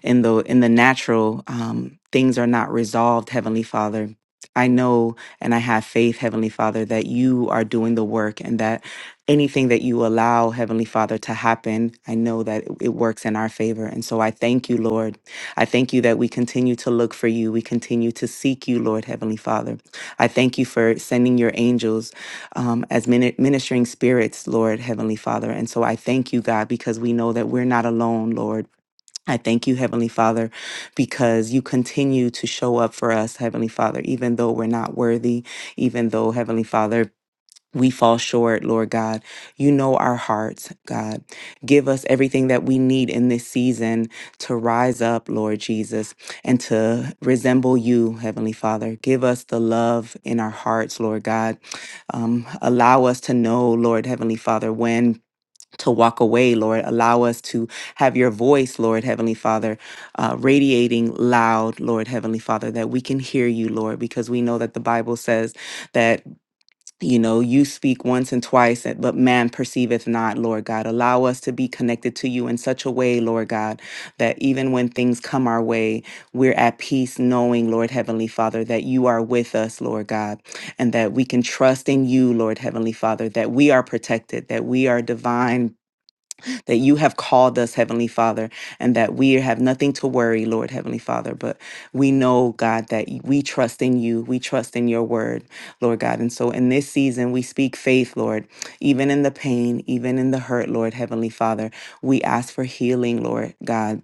G: in the in the natural um, things are not resolved heavenly father i know and i have faith heavenly father that you are doing the work and that anything that you allow heavenly father to happen i know that it it works in our favor and so i thank you lord i thank you that we continue to look for you we continue to seek you lord heavenly father i thank you for sending your angels um, as mini- ministering spirits lord heavenly father and so i thank you god because we know that we're not alone lord I thank you, Heavenly Father, because you continue to show up for us, Heavenly Father, even though we're not worthy, even though, Heavenly Father, we fall short, Lord God. You know our hearts, God. Give us everything that we need in this season to rise up, Lord Jesus, and to resemble you, Heavenly Father. Give us the love in our hearts, Lord God. Um, allow us to know, Lord Heavenly Father, when to walk away, Lord. Allow us to have your voice, Lord Heavenly Father, uh, radiating loud, Lord Heavenly Father, that we can hear you, Lord, because we know that the Bible says that, you know, you speak once and twice, that- but man perceiveth not, Lord God. Allow us to be connected to you in such a way, Lord God, that even when things come our way, we're at peace knowing, Lord Heavenly Father, that you are with us, Lord God, and that we can trust in you, Lord Heavenly Father, that we are protected, that we are divine that you have called us, Heavenly Father, and that we have nothing to worry, Lord, Heavenly Father. But we know, God, that we trust in you. We trust in your word, Lord God. And so in this season, we speak faith, Lord, even in the pain, even in the hurt, Lord, Heavenly Father. We ask for healing, Lord God.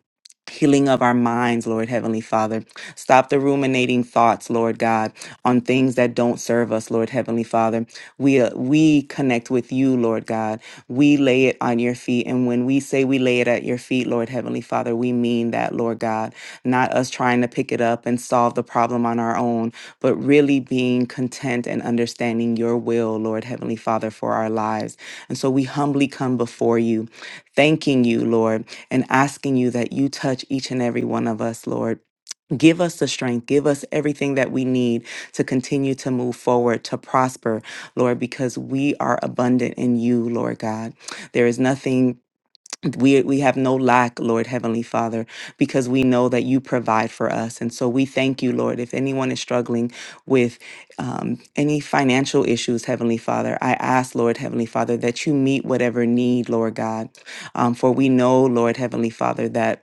G: Healing of our minds, Lord Heavenly Father. Stop the ruminating thoughts, Lord God, on things that don't serve us, Lord Heavenly Father we uh, we connect with you, Lord God. We lay it on your feet, and when we say we lay it at your feet, Lord Heavenly Father, we mean that, Lord God. Not us trying to pick it up and solve the problem on our own, but really being content and understanding your will, Lord Heavenly Father, for our lives. And so we humbly come before you, thanking you, Lord, and asking you that you touch each and every one of us, Lord Give us the strength. Give us everything that we need to continue to move forward, to prosper, Lord, because we are abundant in you, Lord God. There is nothing. We, we have no lack, Lord Heavenly Father, because we know that you provide for us. And so we thank you, Lord. If anyone is struggling with um, any financial issues, Heavenly Father, I ask, Lord Heavenly Father, that you meet whatever need, Lord God. Um, for we know, Lord Heavenly Father, that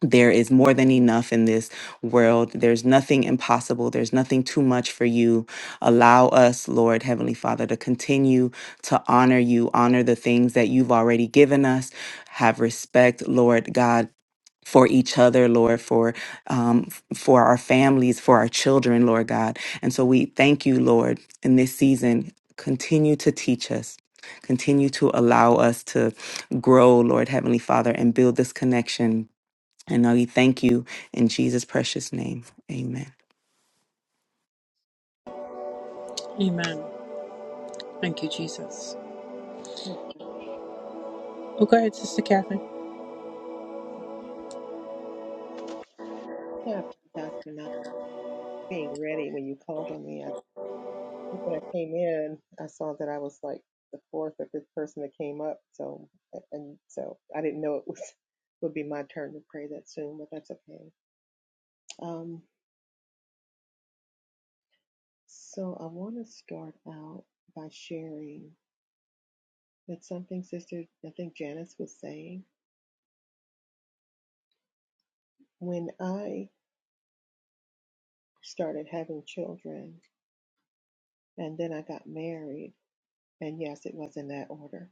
G: there is more than enough in this world. There's nothing impossible. There's nothing too much for you. Allow us, Lord Heavenly Father, to continue to honor you, honor the things that you've already given us. Have respect, Lord God. For each other, Lord, for um, f- for our families, for our children, Lord God, and so we thank you, Lord, in this season. Continue to teach us, continue to allow us to grow, Lord Heavenly Father, and build this connection and now we thank you in Jesus' precious name. Amen.
A: Amen. Thank you, Jesus.
D: you.
A: Oh, go ahead, Sister Catherine.
D: Yeah, I apologize for not being ready when you called on me. I think when I came in, I saw that I was like the fourth or fifth person that came up. So, and so I didn't know it was would be my turn to pray that soon, but that's okay. Um, so I want to start out by sharing that something, Sister, I think Janice was saying. When I started having children, and then I got married. And yes, it was in that order.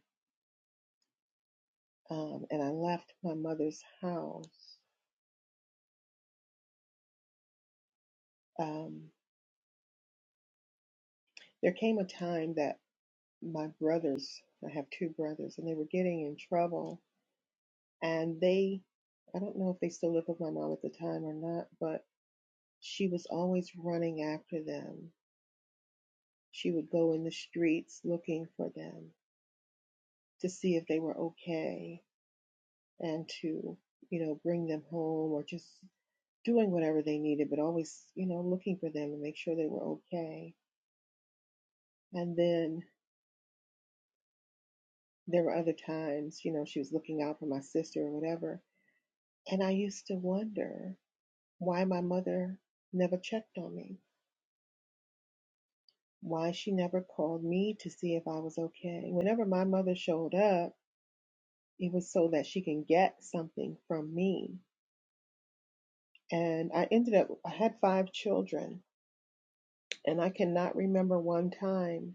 D: Um, and I left my mother's house. Um, there came a time that my brothers, I have two brothers, and they were getting in trouble. And they, I don't know if they still live with my mom at the time or not, but she was always running after them. She would go in the streets looking for them to see if they were okay and to, you know, bring them home or just doing whatever they needed, but always, you know, looking for them and make sure they were okay. And then there were other times, you know, she was looking out for my sister or whatever. And I used to wonder why my mother never checked on me, why she never called me to see if I was okay. Whenever my mother showed up, it was so that she can get something from me. And I ended up, I had five children, and I cannot remember one time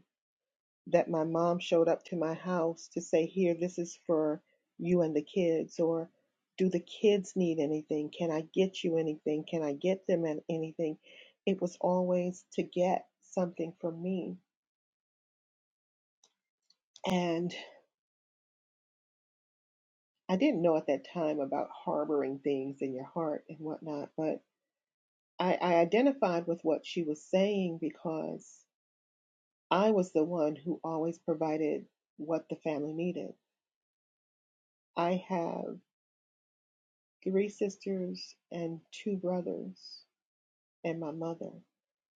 D: that my mom showed up to my house to say, Here, this is for you and the kids, or do the kids need anything? Can I get you anything? Can I get them anything? It was always to get something from me. And I didn't know at that time about harboring things in your heart and whatnot, but I, I identified with what she was saying because I was the one who always provided what the family needed. I have. three sisters and two brothers and my mother.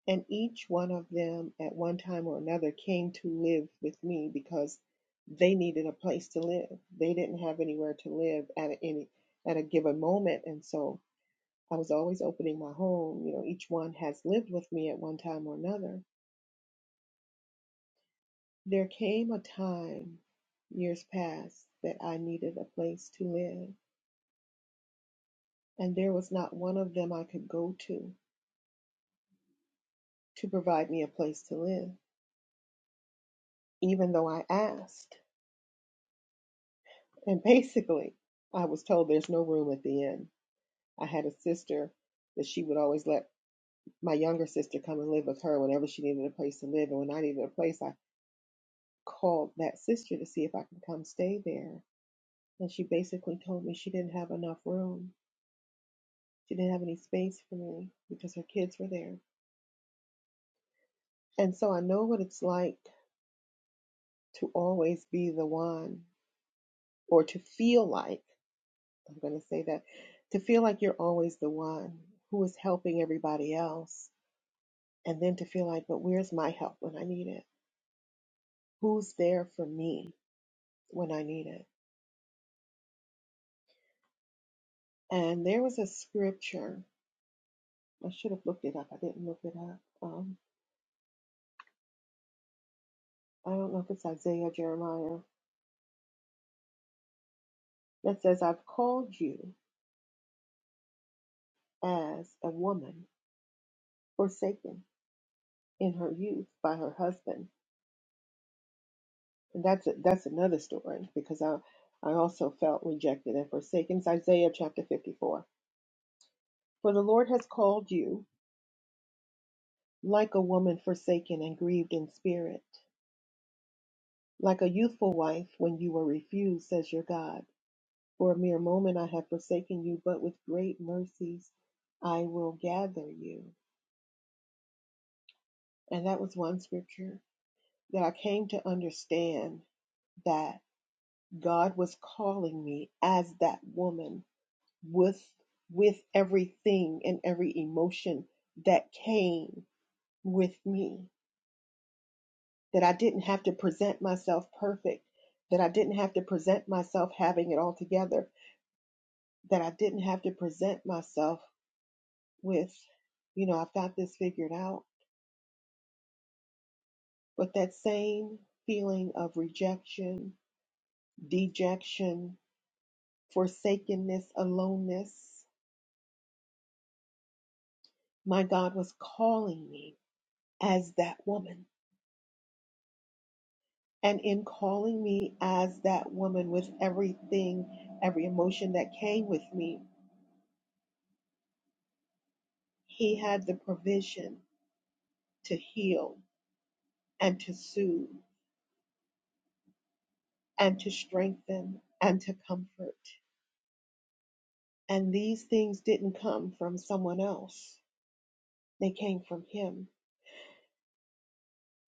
D: And each one of them at one time or another came to live with me because they needed a place to live. They didn't have anywhere to live at any at a given moment. And so I was always opening my home. You know, each one has lived with me at one time or another. There came a time years past that I needed a place to live. And there was not one of them I could go to to provide me a place to live. even though I asked. And basically, I was told there's no room at the inn. I had a sister that she would always let my younger sister come and live with her whenever she needed a place to live. And when I needed a place, I called that sister to see if I could come stay there. And she basically told me she didn't have enough room. She didn't have any space for me because her kids were there. And so I know what it's like to always be the one or to feel like. I'm going to say that to feel like you're always the one who is helping everybody else, and then to feel like, but where's my help when I need it? Who's there for me when I need it? And there was a scripture. I should have looked it up. I didn't look it up. Um, I don't know if it's Isaiah or Jeremiah that says, I've called you as a woman forsaken in her youth by her husband. And that's that's another story because I I also felt rejected and forsaken. It's Isaiah chapter 54 For the Lord has called you like a woman forsaken and grieved in spirit, like a youthful wife when you were refused, says your God. For a mere moment I have forsaken you, but with great mercies I will gather you. And that was one scripture that I came to understand that God was calling me as that woman with with everything and every emotion that came with me that I didn't have to present myself perfect, that I didn't have to present myself having it all together, that I didn't have to present myself with, you know, I've got this figured out. But that same feeling of rejection, dejection, forsakenness, aloneness, my God was calling me as that woman. And in calling me as that woman with everything, every emotion that came with me, He had the provision to heal and to soothe and to strengthen and to comfort. And these things didn't come from someone else, they came from Him.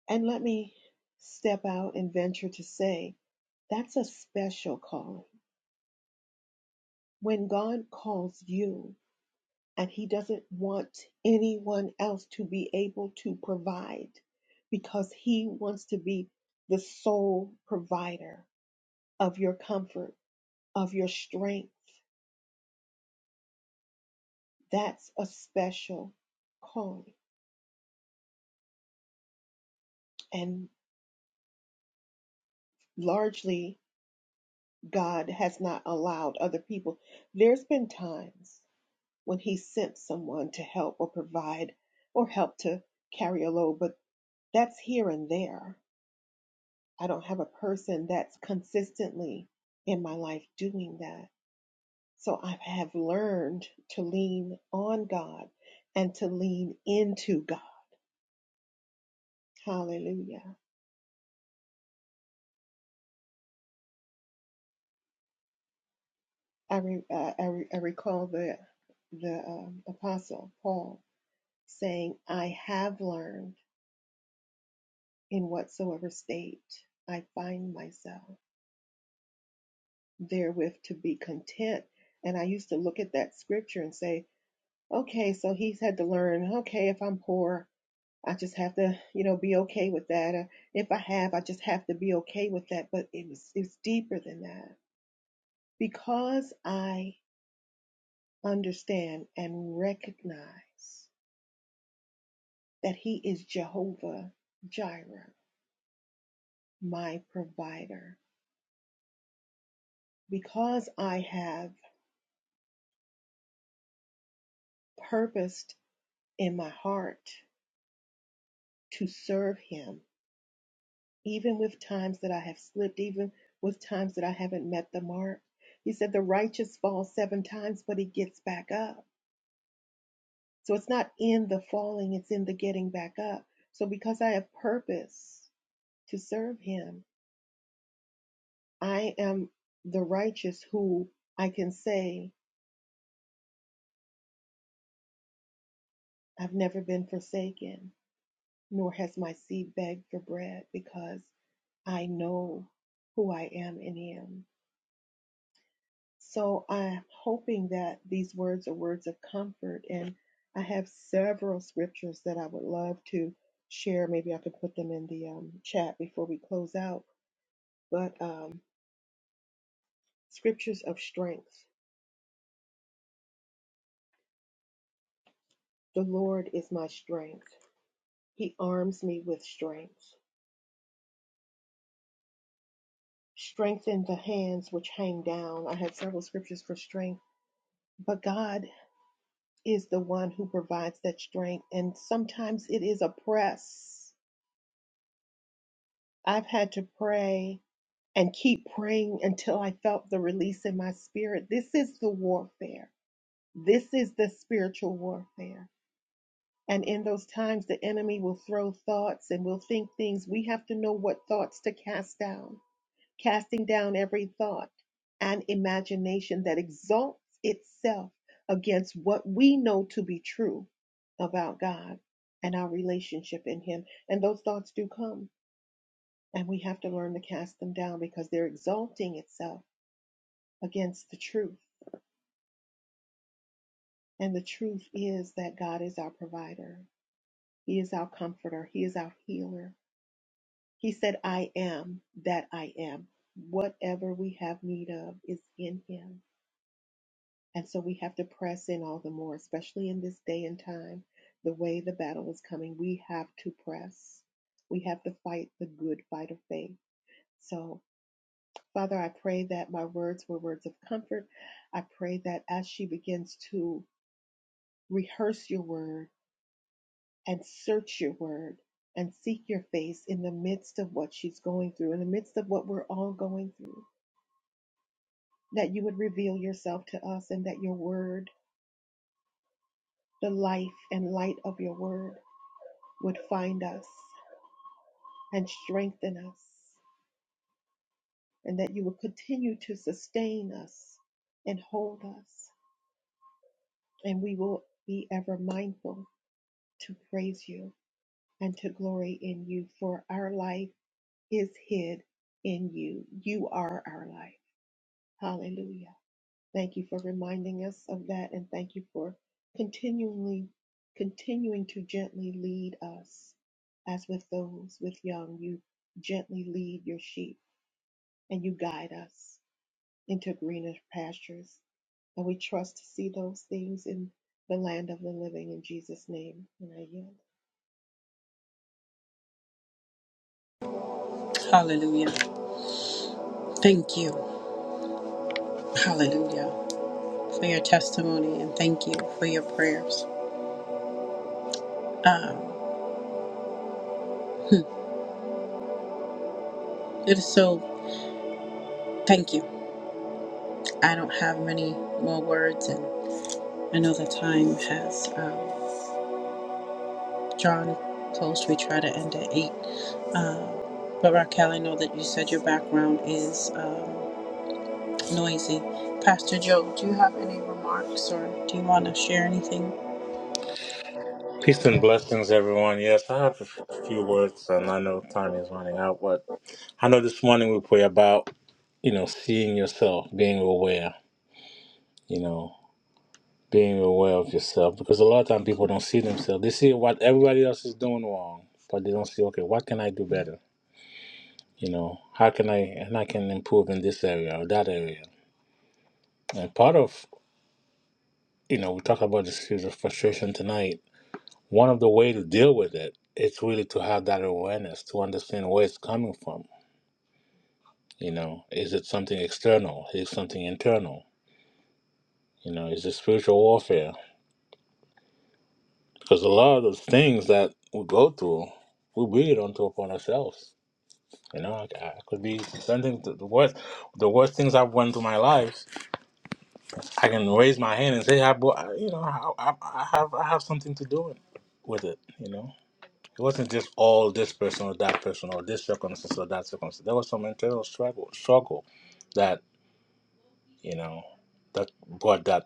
D: And let me step out and venture to say that's a special calling. When God calls you and He doesn't want anyone else to be able to provide because He wants to be the sole provider of your comfort, of your strength That's a special calling. And largely, God has not allowed other people. There's been times when He sent someone to help or provide or help to carry a load, but that's here and there. I don't have a person that's consistently in my life doing that. So I have learned to lean on God and to lean into God. Hallelujah. I re, I, I, re, I recall the the um, apostle Paul saying, "I have learned in whatsoever state I find myself, therewith to be content." And I used to look at that scripture and say, "Okay, so he's had to learn. Okay, if I'm poor, I just have to, you know, be okay with that. Uh, If I have, I just have to be okay with that." But it was it's deeper than that because I understand and recognize. that He is Jehovah Jireh, my provider. Because I have purposed in my heart to serve Him, even with times that I have slipped, even with times that I haven't met the mark. He said, The righteous falls seven times, but he gets back up. So it's not in the falling, it's in the getting back up. So because I have purpose to serve Him, I am the righteous who I can say, I've never been forsaken. nor has my seed begged for bread, because I know who I am in Him. So I'm hoping that these words are words of comfort, and I have several scriptures that I would love to share. Maybe I could put them in the um, chat before we close out. But um, scriptures of strength. The Lord is my strength. He arms me with strength. Strengthen the hands which hang down. I have several scriptures for strength. But God is the one who provides that strength. And sometimes it is a press. I've had to pray and keep praying until I felt the release in my spirit. This is the warfare. This is the spiritual warfare. And in those times, the enemy will throw thoughts and will think things. We have to know what thoughts to cast down casting down every thought and imagination that exalts itself against what we know to be true about God and our relationship in Him. And those thoughts do come, and we have to learn to cast them down because they're exalting itself against the truth. And the truth is that God is our provider, He is our comforter, He is our healer. He said, I am that I am. Whatever we have need of is in Him And so we have to press in all the more, especially in this day and time, the way the battle is coming. We have to press. We have to fight the good fight of faith. So, Father, I pray that my words were words of comfort. I pray that as she begins to rehearse your word and search your word and seek your face in the midst of what she's going through, in the midst of what we're all going through, that you would reveal yourself to us and that your word, the life and light of your word, would find us and strengthen us, and that you will continue to sustain us and hold us, and we will be ever mindful to praise you and to glory in you, for our life is hid in you. You are our life. Hallelujah. Thank you for reminding us of that, and thank you for continually continuing to gently lead us as with those with young you gently lead your sheep and you guide us into greener pastures. And we trust to see those things in the land of the living in Jesus' name. And I yield.
A: Hallelujah. Thank you. Hallelujah. For your testimony and thank you for your prayers. Um, it is so, thank you. I don't have many more words, and I know the time has um, drawn close. We try to end at eight, but Raquel, I know that you said your background is um, noisy. Pastor Joe, do you have any remarks, or do you want to share anything?
E: Peace and blessings, everyone. Yes, I have a f- few words, and I know time is running out, but I know this morning we pray about, you know, seeing yourself, being aware, you know, being aware of yourself, because a lot of time people don't see themselves. They see what everybody else is doing wrong, but they don't see, okay, what can I do better? You know, how can I, and I can improve in this area or that area. And part of, you know, we talk about the series of frustration tonight One of the way to deal with it, it's really to have that awareness, to understand where it's coming from. You know, is it something external? Is it something internal? You know, is it spiritual warfare? Because a lot of those things that we go through, we bring it onto upon ourselves. You know, I, I could be something the, the worst, the worst things I've went through my life. I can raise my hand and say, I, bro- I- you know, I, I, I have, I have something to do with it. You know. It wasn't just all this person or that person or this circumstance or that circumstance. There was some internal struggle, struggle that you know that brought that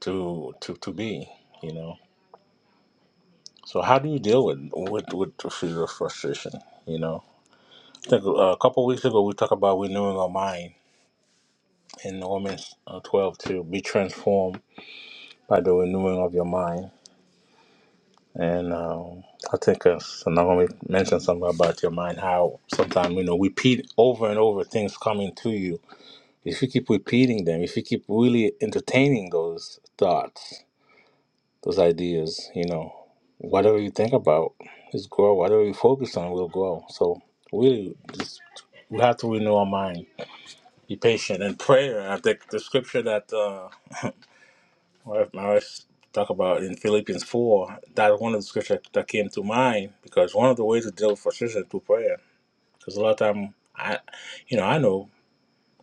E: to to to be. You know. So how do you deal with with with the fear of frustration? You know. I think uh, a couple weeks ago we talked about renewing our mind in Romans uh, twelve to be transformed by the renewing of your mind. And um, I think uh, Sonoma mentioned something about your mind, how sometimes, you know, repeat over and over things coming to you If you keep repeating them, if you keep really entertaining those thoughts, those ideas, you know, whatever you think about is grow. Whatever you focus on will grow. So really, just, we have to renew our mind. Be patient and prayer. I think the scripture that uh, my wife talk about in Philippians four. That one of the scripture that came to mind because one of the ways to deal with frustration is through prayer. Because a lot of time, I, you know, I know.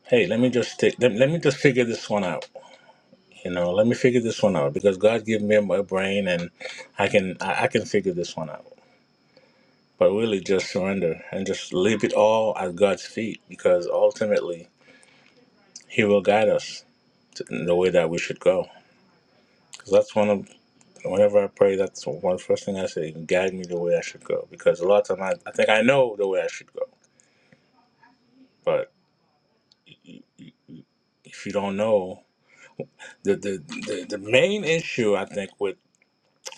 E: Hey, let me just take, let, let me just figure this one out You know, let me figure this one out because God gave me my brain and I can I, I can figure this one out. But really just surrender and just leave it all at God's feet because ultimately he will guide us to, in the way that we should go. Cuz that's one of whenever I pray that's one of the first thing I say, guide me the way I should go because a lot of times I, I think I know the way I should go. But if you don't know the the, the, the main issue I think with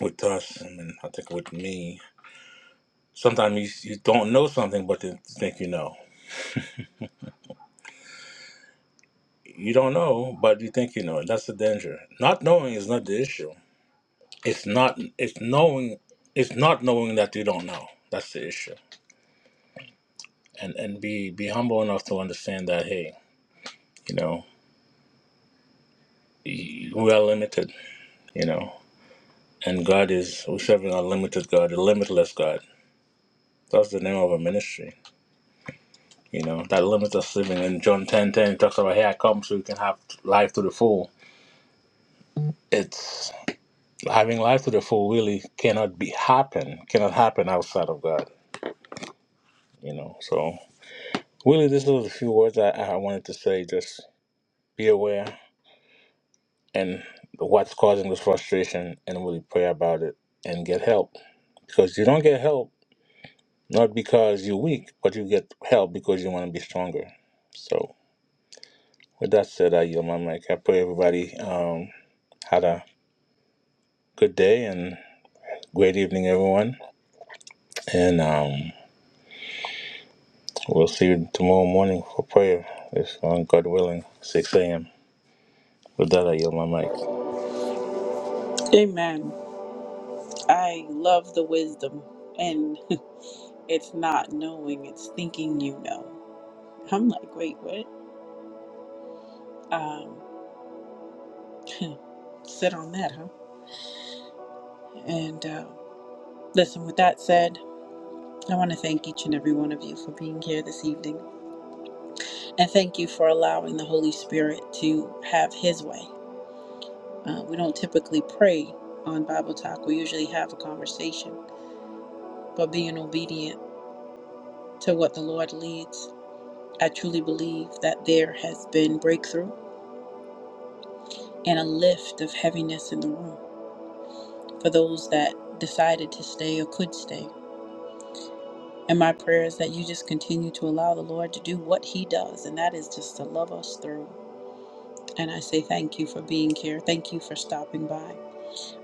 E: with us and I think with me Sometimes you, you don't know something, but you think you know. You don't know, but you think you know. That's the danger. Not knowing is not the issue. It's not. It's knowing. It's not knowing that you don't know. That's the issue. And and be be humble enough to understand that. Hey, you know, y- we are limited. You know, and God is we serving a limited God, a limitless God. That's the name of a ministry. You know, that limits us living. In John ten ten it talks about, hey, I come so you can have life to the full. It's having life to the full really cannot be happen cannot happen outside of god you know so really this was a few words i, I wanted to say just be aware and what's causing this frustration and really pray about it and get help because you don't get help not because you're weak but you get help because you want to be stronger so with that said i yield my mic i pray everybody um, had a good day and great evening everyone and um, We'll see you tomorrow morning for prayer, if um, God willing, 6 a.m. With that, I yield my mic.
A: Amen. I love the wisdom, and it's not knowing; it's thinking you know. I'm like, wait, what? Um, sit on that, huh? And uh, listen. With that said. I want to thank each and every one of you for being here this evening. And thank you for allowing the Holy Spirit to have His way. Uh, we don't typically pray on Bible Talk, we usually have a conversation. But being obedient to what the Lord leads, I truly believe that there has been breakthrough and a lift of heaviness in the room for those that decided to stay or could stay. And my prayer is that you just continue to allow the Lord to do what He does, and that is just to love us through. And I say thank you for being here. Thank you for stopping by.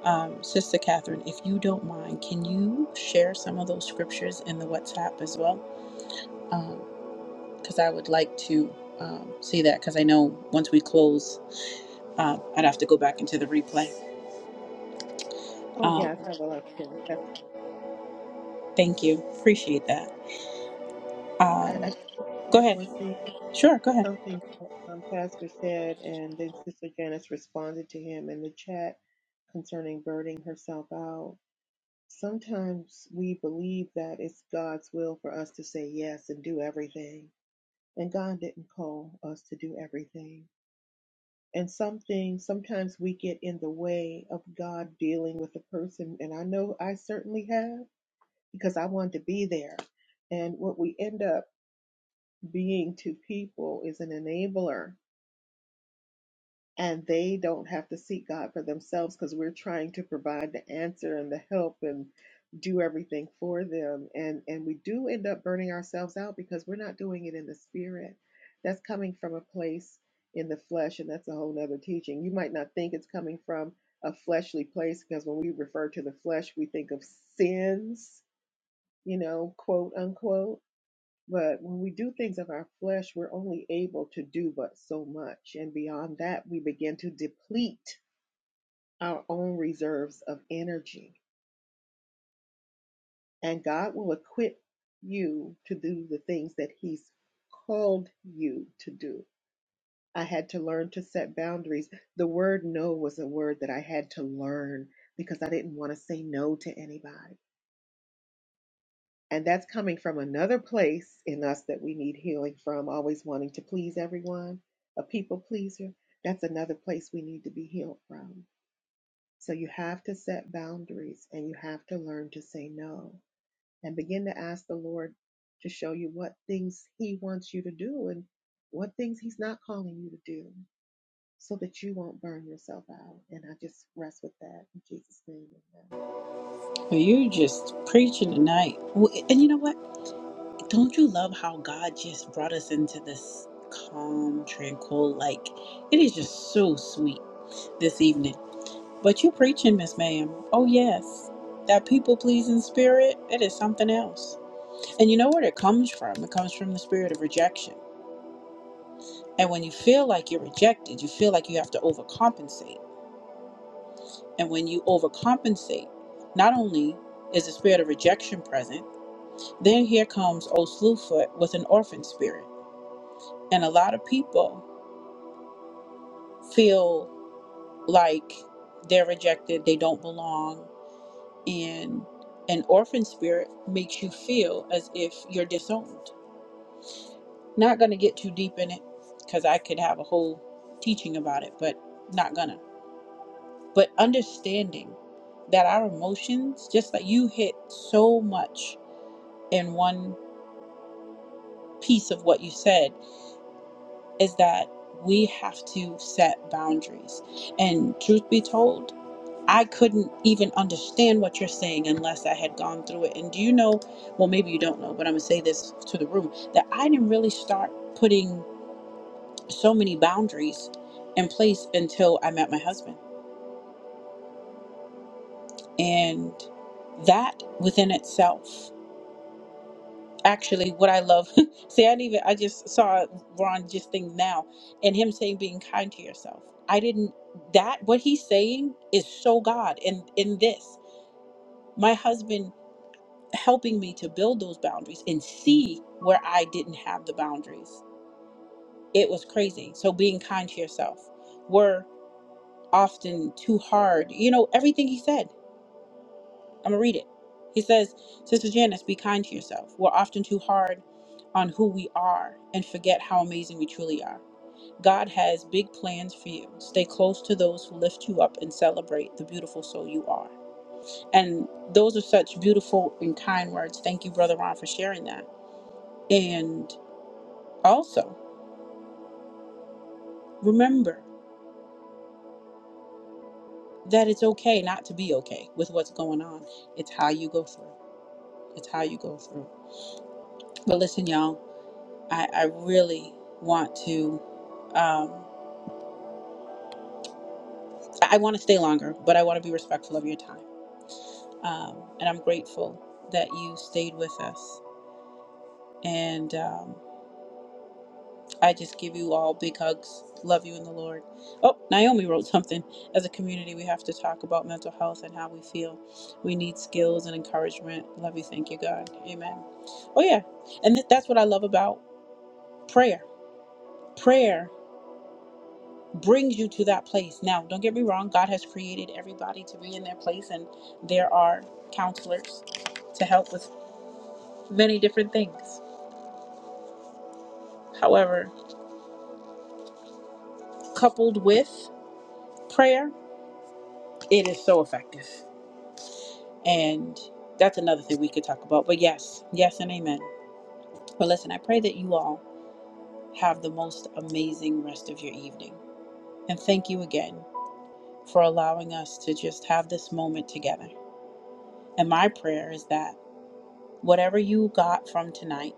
A: Um, Sister Catherine, if you don't mind, can you share some of those scriptures in the WhatsApp as well? Because I would like to um, see that, because I know once we close, uh, I'd have to go back into the replay.
D: Oh,
A: Um,
D: yes, I would love to. That's fine.
A: thank you. Appreciate that.
D: I,
A: Um,
D: I just
A: go
D: had
A: ahead.
D: one thing,
A: Sure, go ahead.
D: something um, Pastor said, and then Sister Janice responded to him in the chat concerning burning herself out. Sometimes we believe that it's God's will for us to say yes and do everything, and God didn't call us to do everything. and something sometimes we get in the way of God dealing with a person and I know I certainly have because I want to be there and what we end up being to people is an enabler and they don't have to seek God for themselves because we're trying to provide the answer and the help and do everything for them and and we do end up burning ourselves out because we're not doing it in the spirit that's coming from a place in the flesh and that's a whole nother teaching you might not think it's coming from a fleshly place because when we refer to the flesh we think of sins you know quote unquote but when we do things of our flesh, we're only able to do but so much. And beyond that, we begin to deplete our own reserves of energy. And God will equip you to do the things that He's called you to do. I had to learn to set boundaries. The word no was a word that I had to learn because I didn't want to say no to anybody. And that's coming from another place in us that we need healing from, always wanting to please everyone, a people pleaser. That's another place we need to be healed from. So you have to set boundaries and you have to learn to say no and begin to ask the Lord to show you what things He wants you to do and what things He's not calling you to do so that you won't burn yourself out. And I just rest with that in Jesus' name. Amen.
A: Well, you just preaching tonight. W- And you know what? Don't you love how God just brought us into this calm, tranquil? Like, it is just so sweet this evening. But you preaching, Miss Ma'am. Oh, yes. That people pleasing spirit, it is something else. And you know where it comes from? It comes from the spirit of rejection. And when you feel like you're rejected, you feel like you have to overcompensate. And when you overcompensate, not only is the spirit of rejection present, then here comes old Slewfoot with an orphan spirit. And a lot of people feel like they're rejected, they don't belong, and an orphan spirit makes you feel as if you're disowned. Not going to get too deep in it because I could have a whole teaching about it, but not gonna. But understanding that our emotions, just like you hit so much in one piece of what you said, is that we have to set boundaries. And truth be told, I couldn't even understand what you're saying unless I had gone through it. And do you know, well, maybe you don't know, but I'm going to say this to the room that I didn't really start putting so many boundaries in place until I met my husband. And that within itself, actually, what I love, see, I didn't even, I just saw Ron just think now and him saying being kind to yourself. I didn't, that, what he's saying is so God And in this. My husband helping me to build those boundaries and see where I didn't have the boundaries. It was crazy. So being kind to yourself. We're often too hard. You know, everything he said, I'm going to read it. He says, Sister Janice, be kind to yourself. We're often too hard on who we are and forget how amazing we truly are. God has big plans for you. Stay close to those who lift you up and celebrate the beautiful soul you are. And those are such beautiful and kind words. Thank you, Brother Ron, for sharing that. And Also, remember that it's okay not to be okay with what's going on. It's how you go through. It's how you go through. But listen, y'all, I, I really want to, um, I want to stay longer, but I want to be respectful of your time. Um, and I'm grateful that you stayed with us. And um, I just give you all big hugs. Love you in the Lord. Oh, Naomi wrote something. As a community, we have to talk about mental health and how we feel. We need skills and encouragement. Love you. Thank you, God. Amen. Oh, yeah. And th- that's what I love about prayer. Prayer brings you to that place. Now, don't get me wrong. God has created everybody to be in their place, and there are counselors to help with many different things. However, coupled with prayer, it is so effective. And that's another thing we could talk about. But yes, yes, and amen. But listen, I pray that you all have the most amazing rest of your evening. And thank you again for allowing us to just have this moment together. And my prayer is that whatever you got from tonight,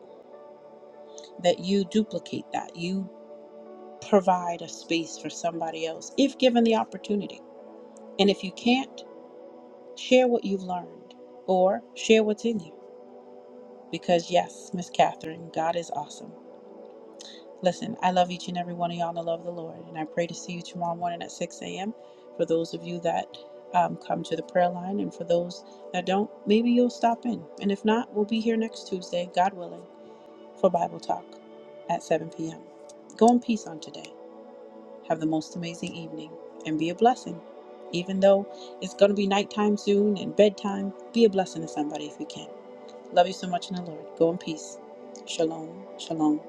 A: that you duplicate that. You provide a space for somebody else if given the opportunity. And if you can't, share what you've learned or share what's in you. Because yes, Miss Catherine, God is awesome. Listen, I love each and every one of y'all in the love of the Lord, and I pray to see you tomorrow morning at 6 a.m. For those of you that um, come to the prayer line, and for those that don't, maybe you'll stop in. And if not, we'll be here next Tuesday, God willing, for Bible Talk at 7 p.m. Go in peace on today. Have the most amazing evening and be a blessing. Even though it's going to be nighttime soon and bedtime, be a blessing to somebody if you can. Love you so much in the Lord. Go in peace. Shalom. Shalom.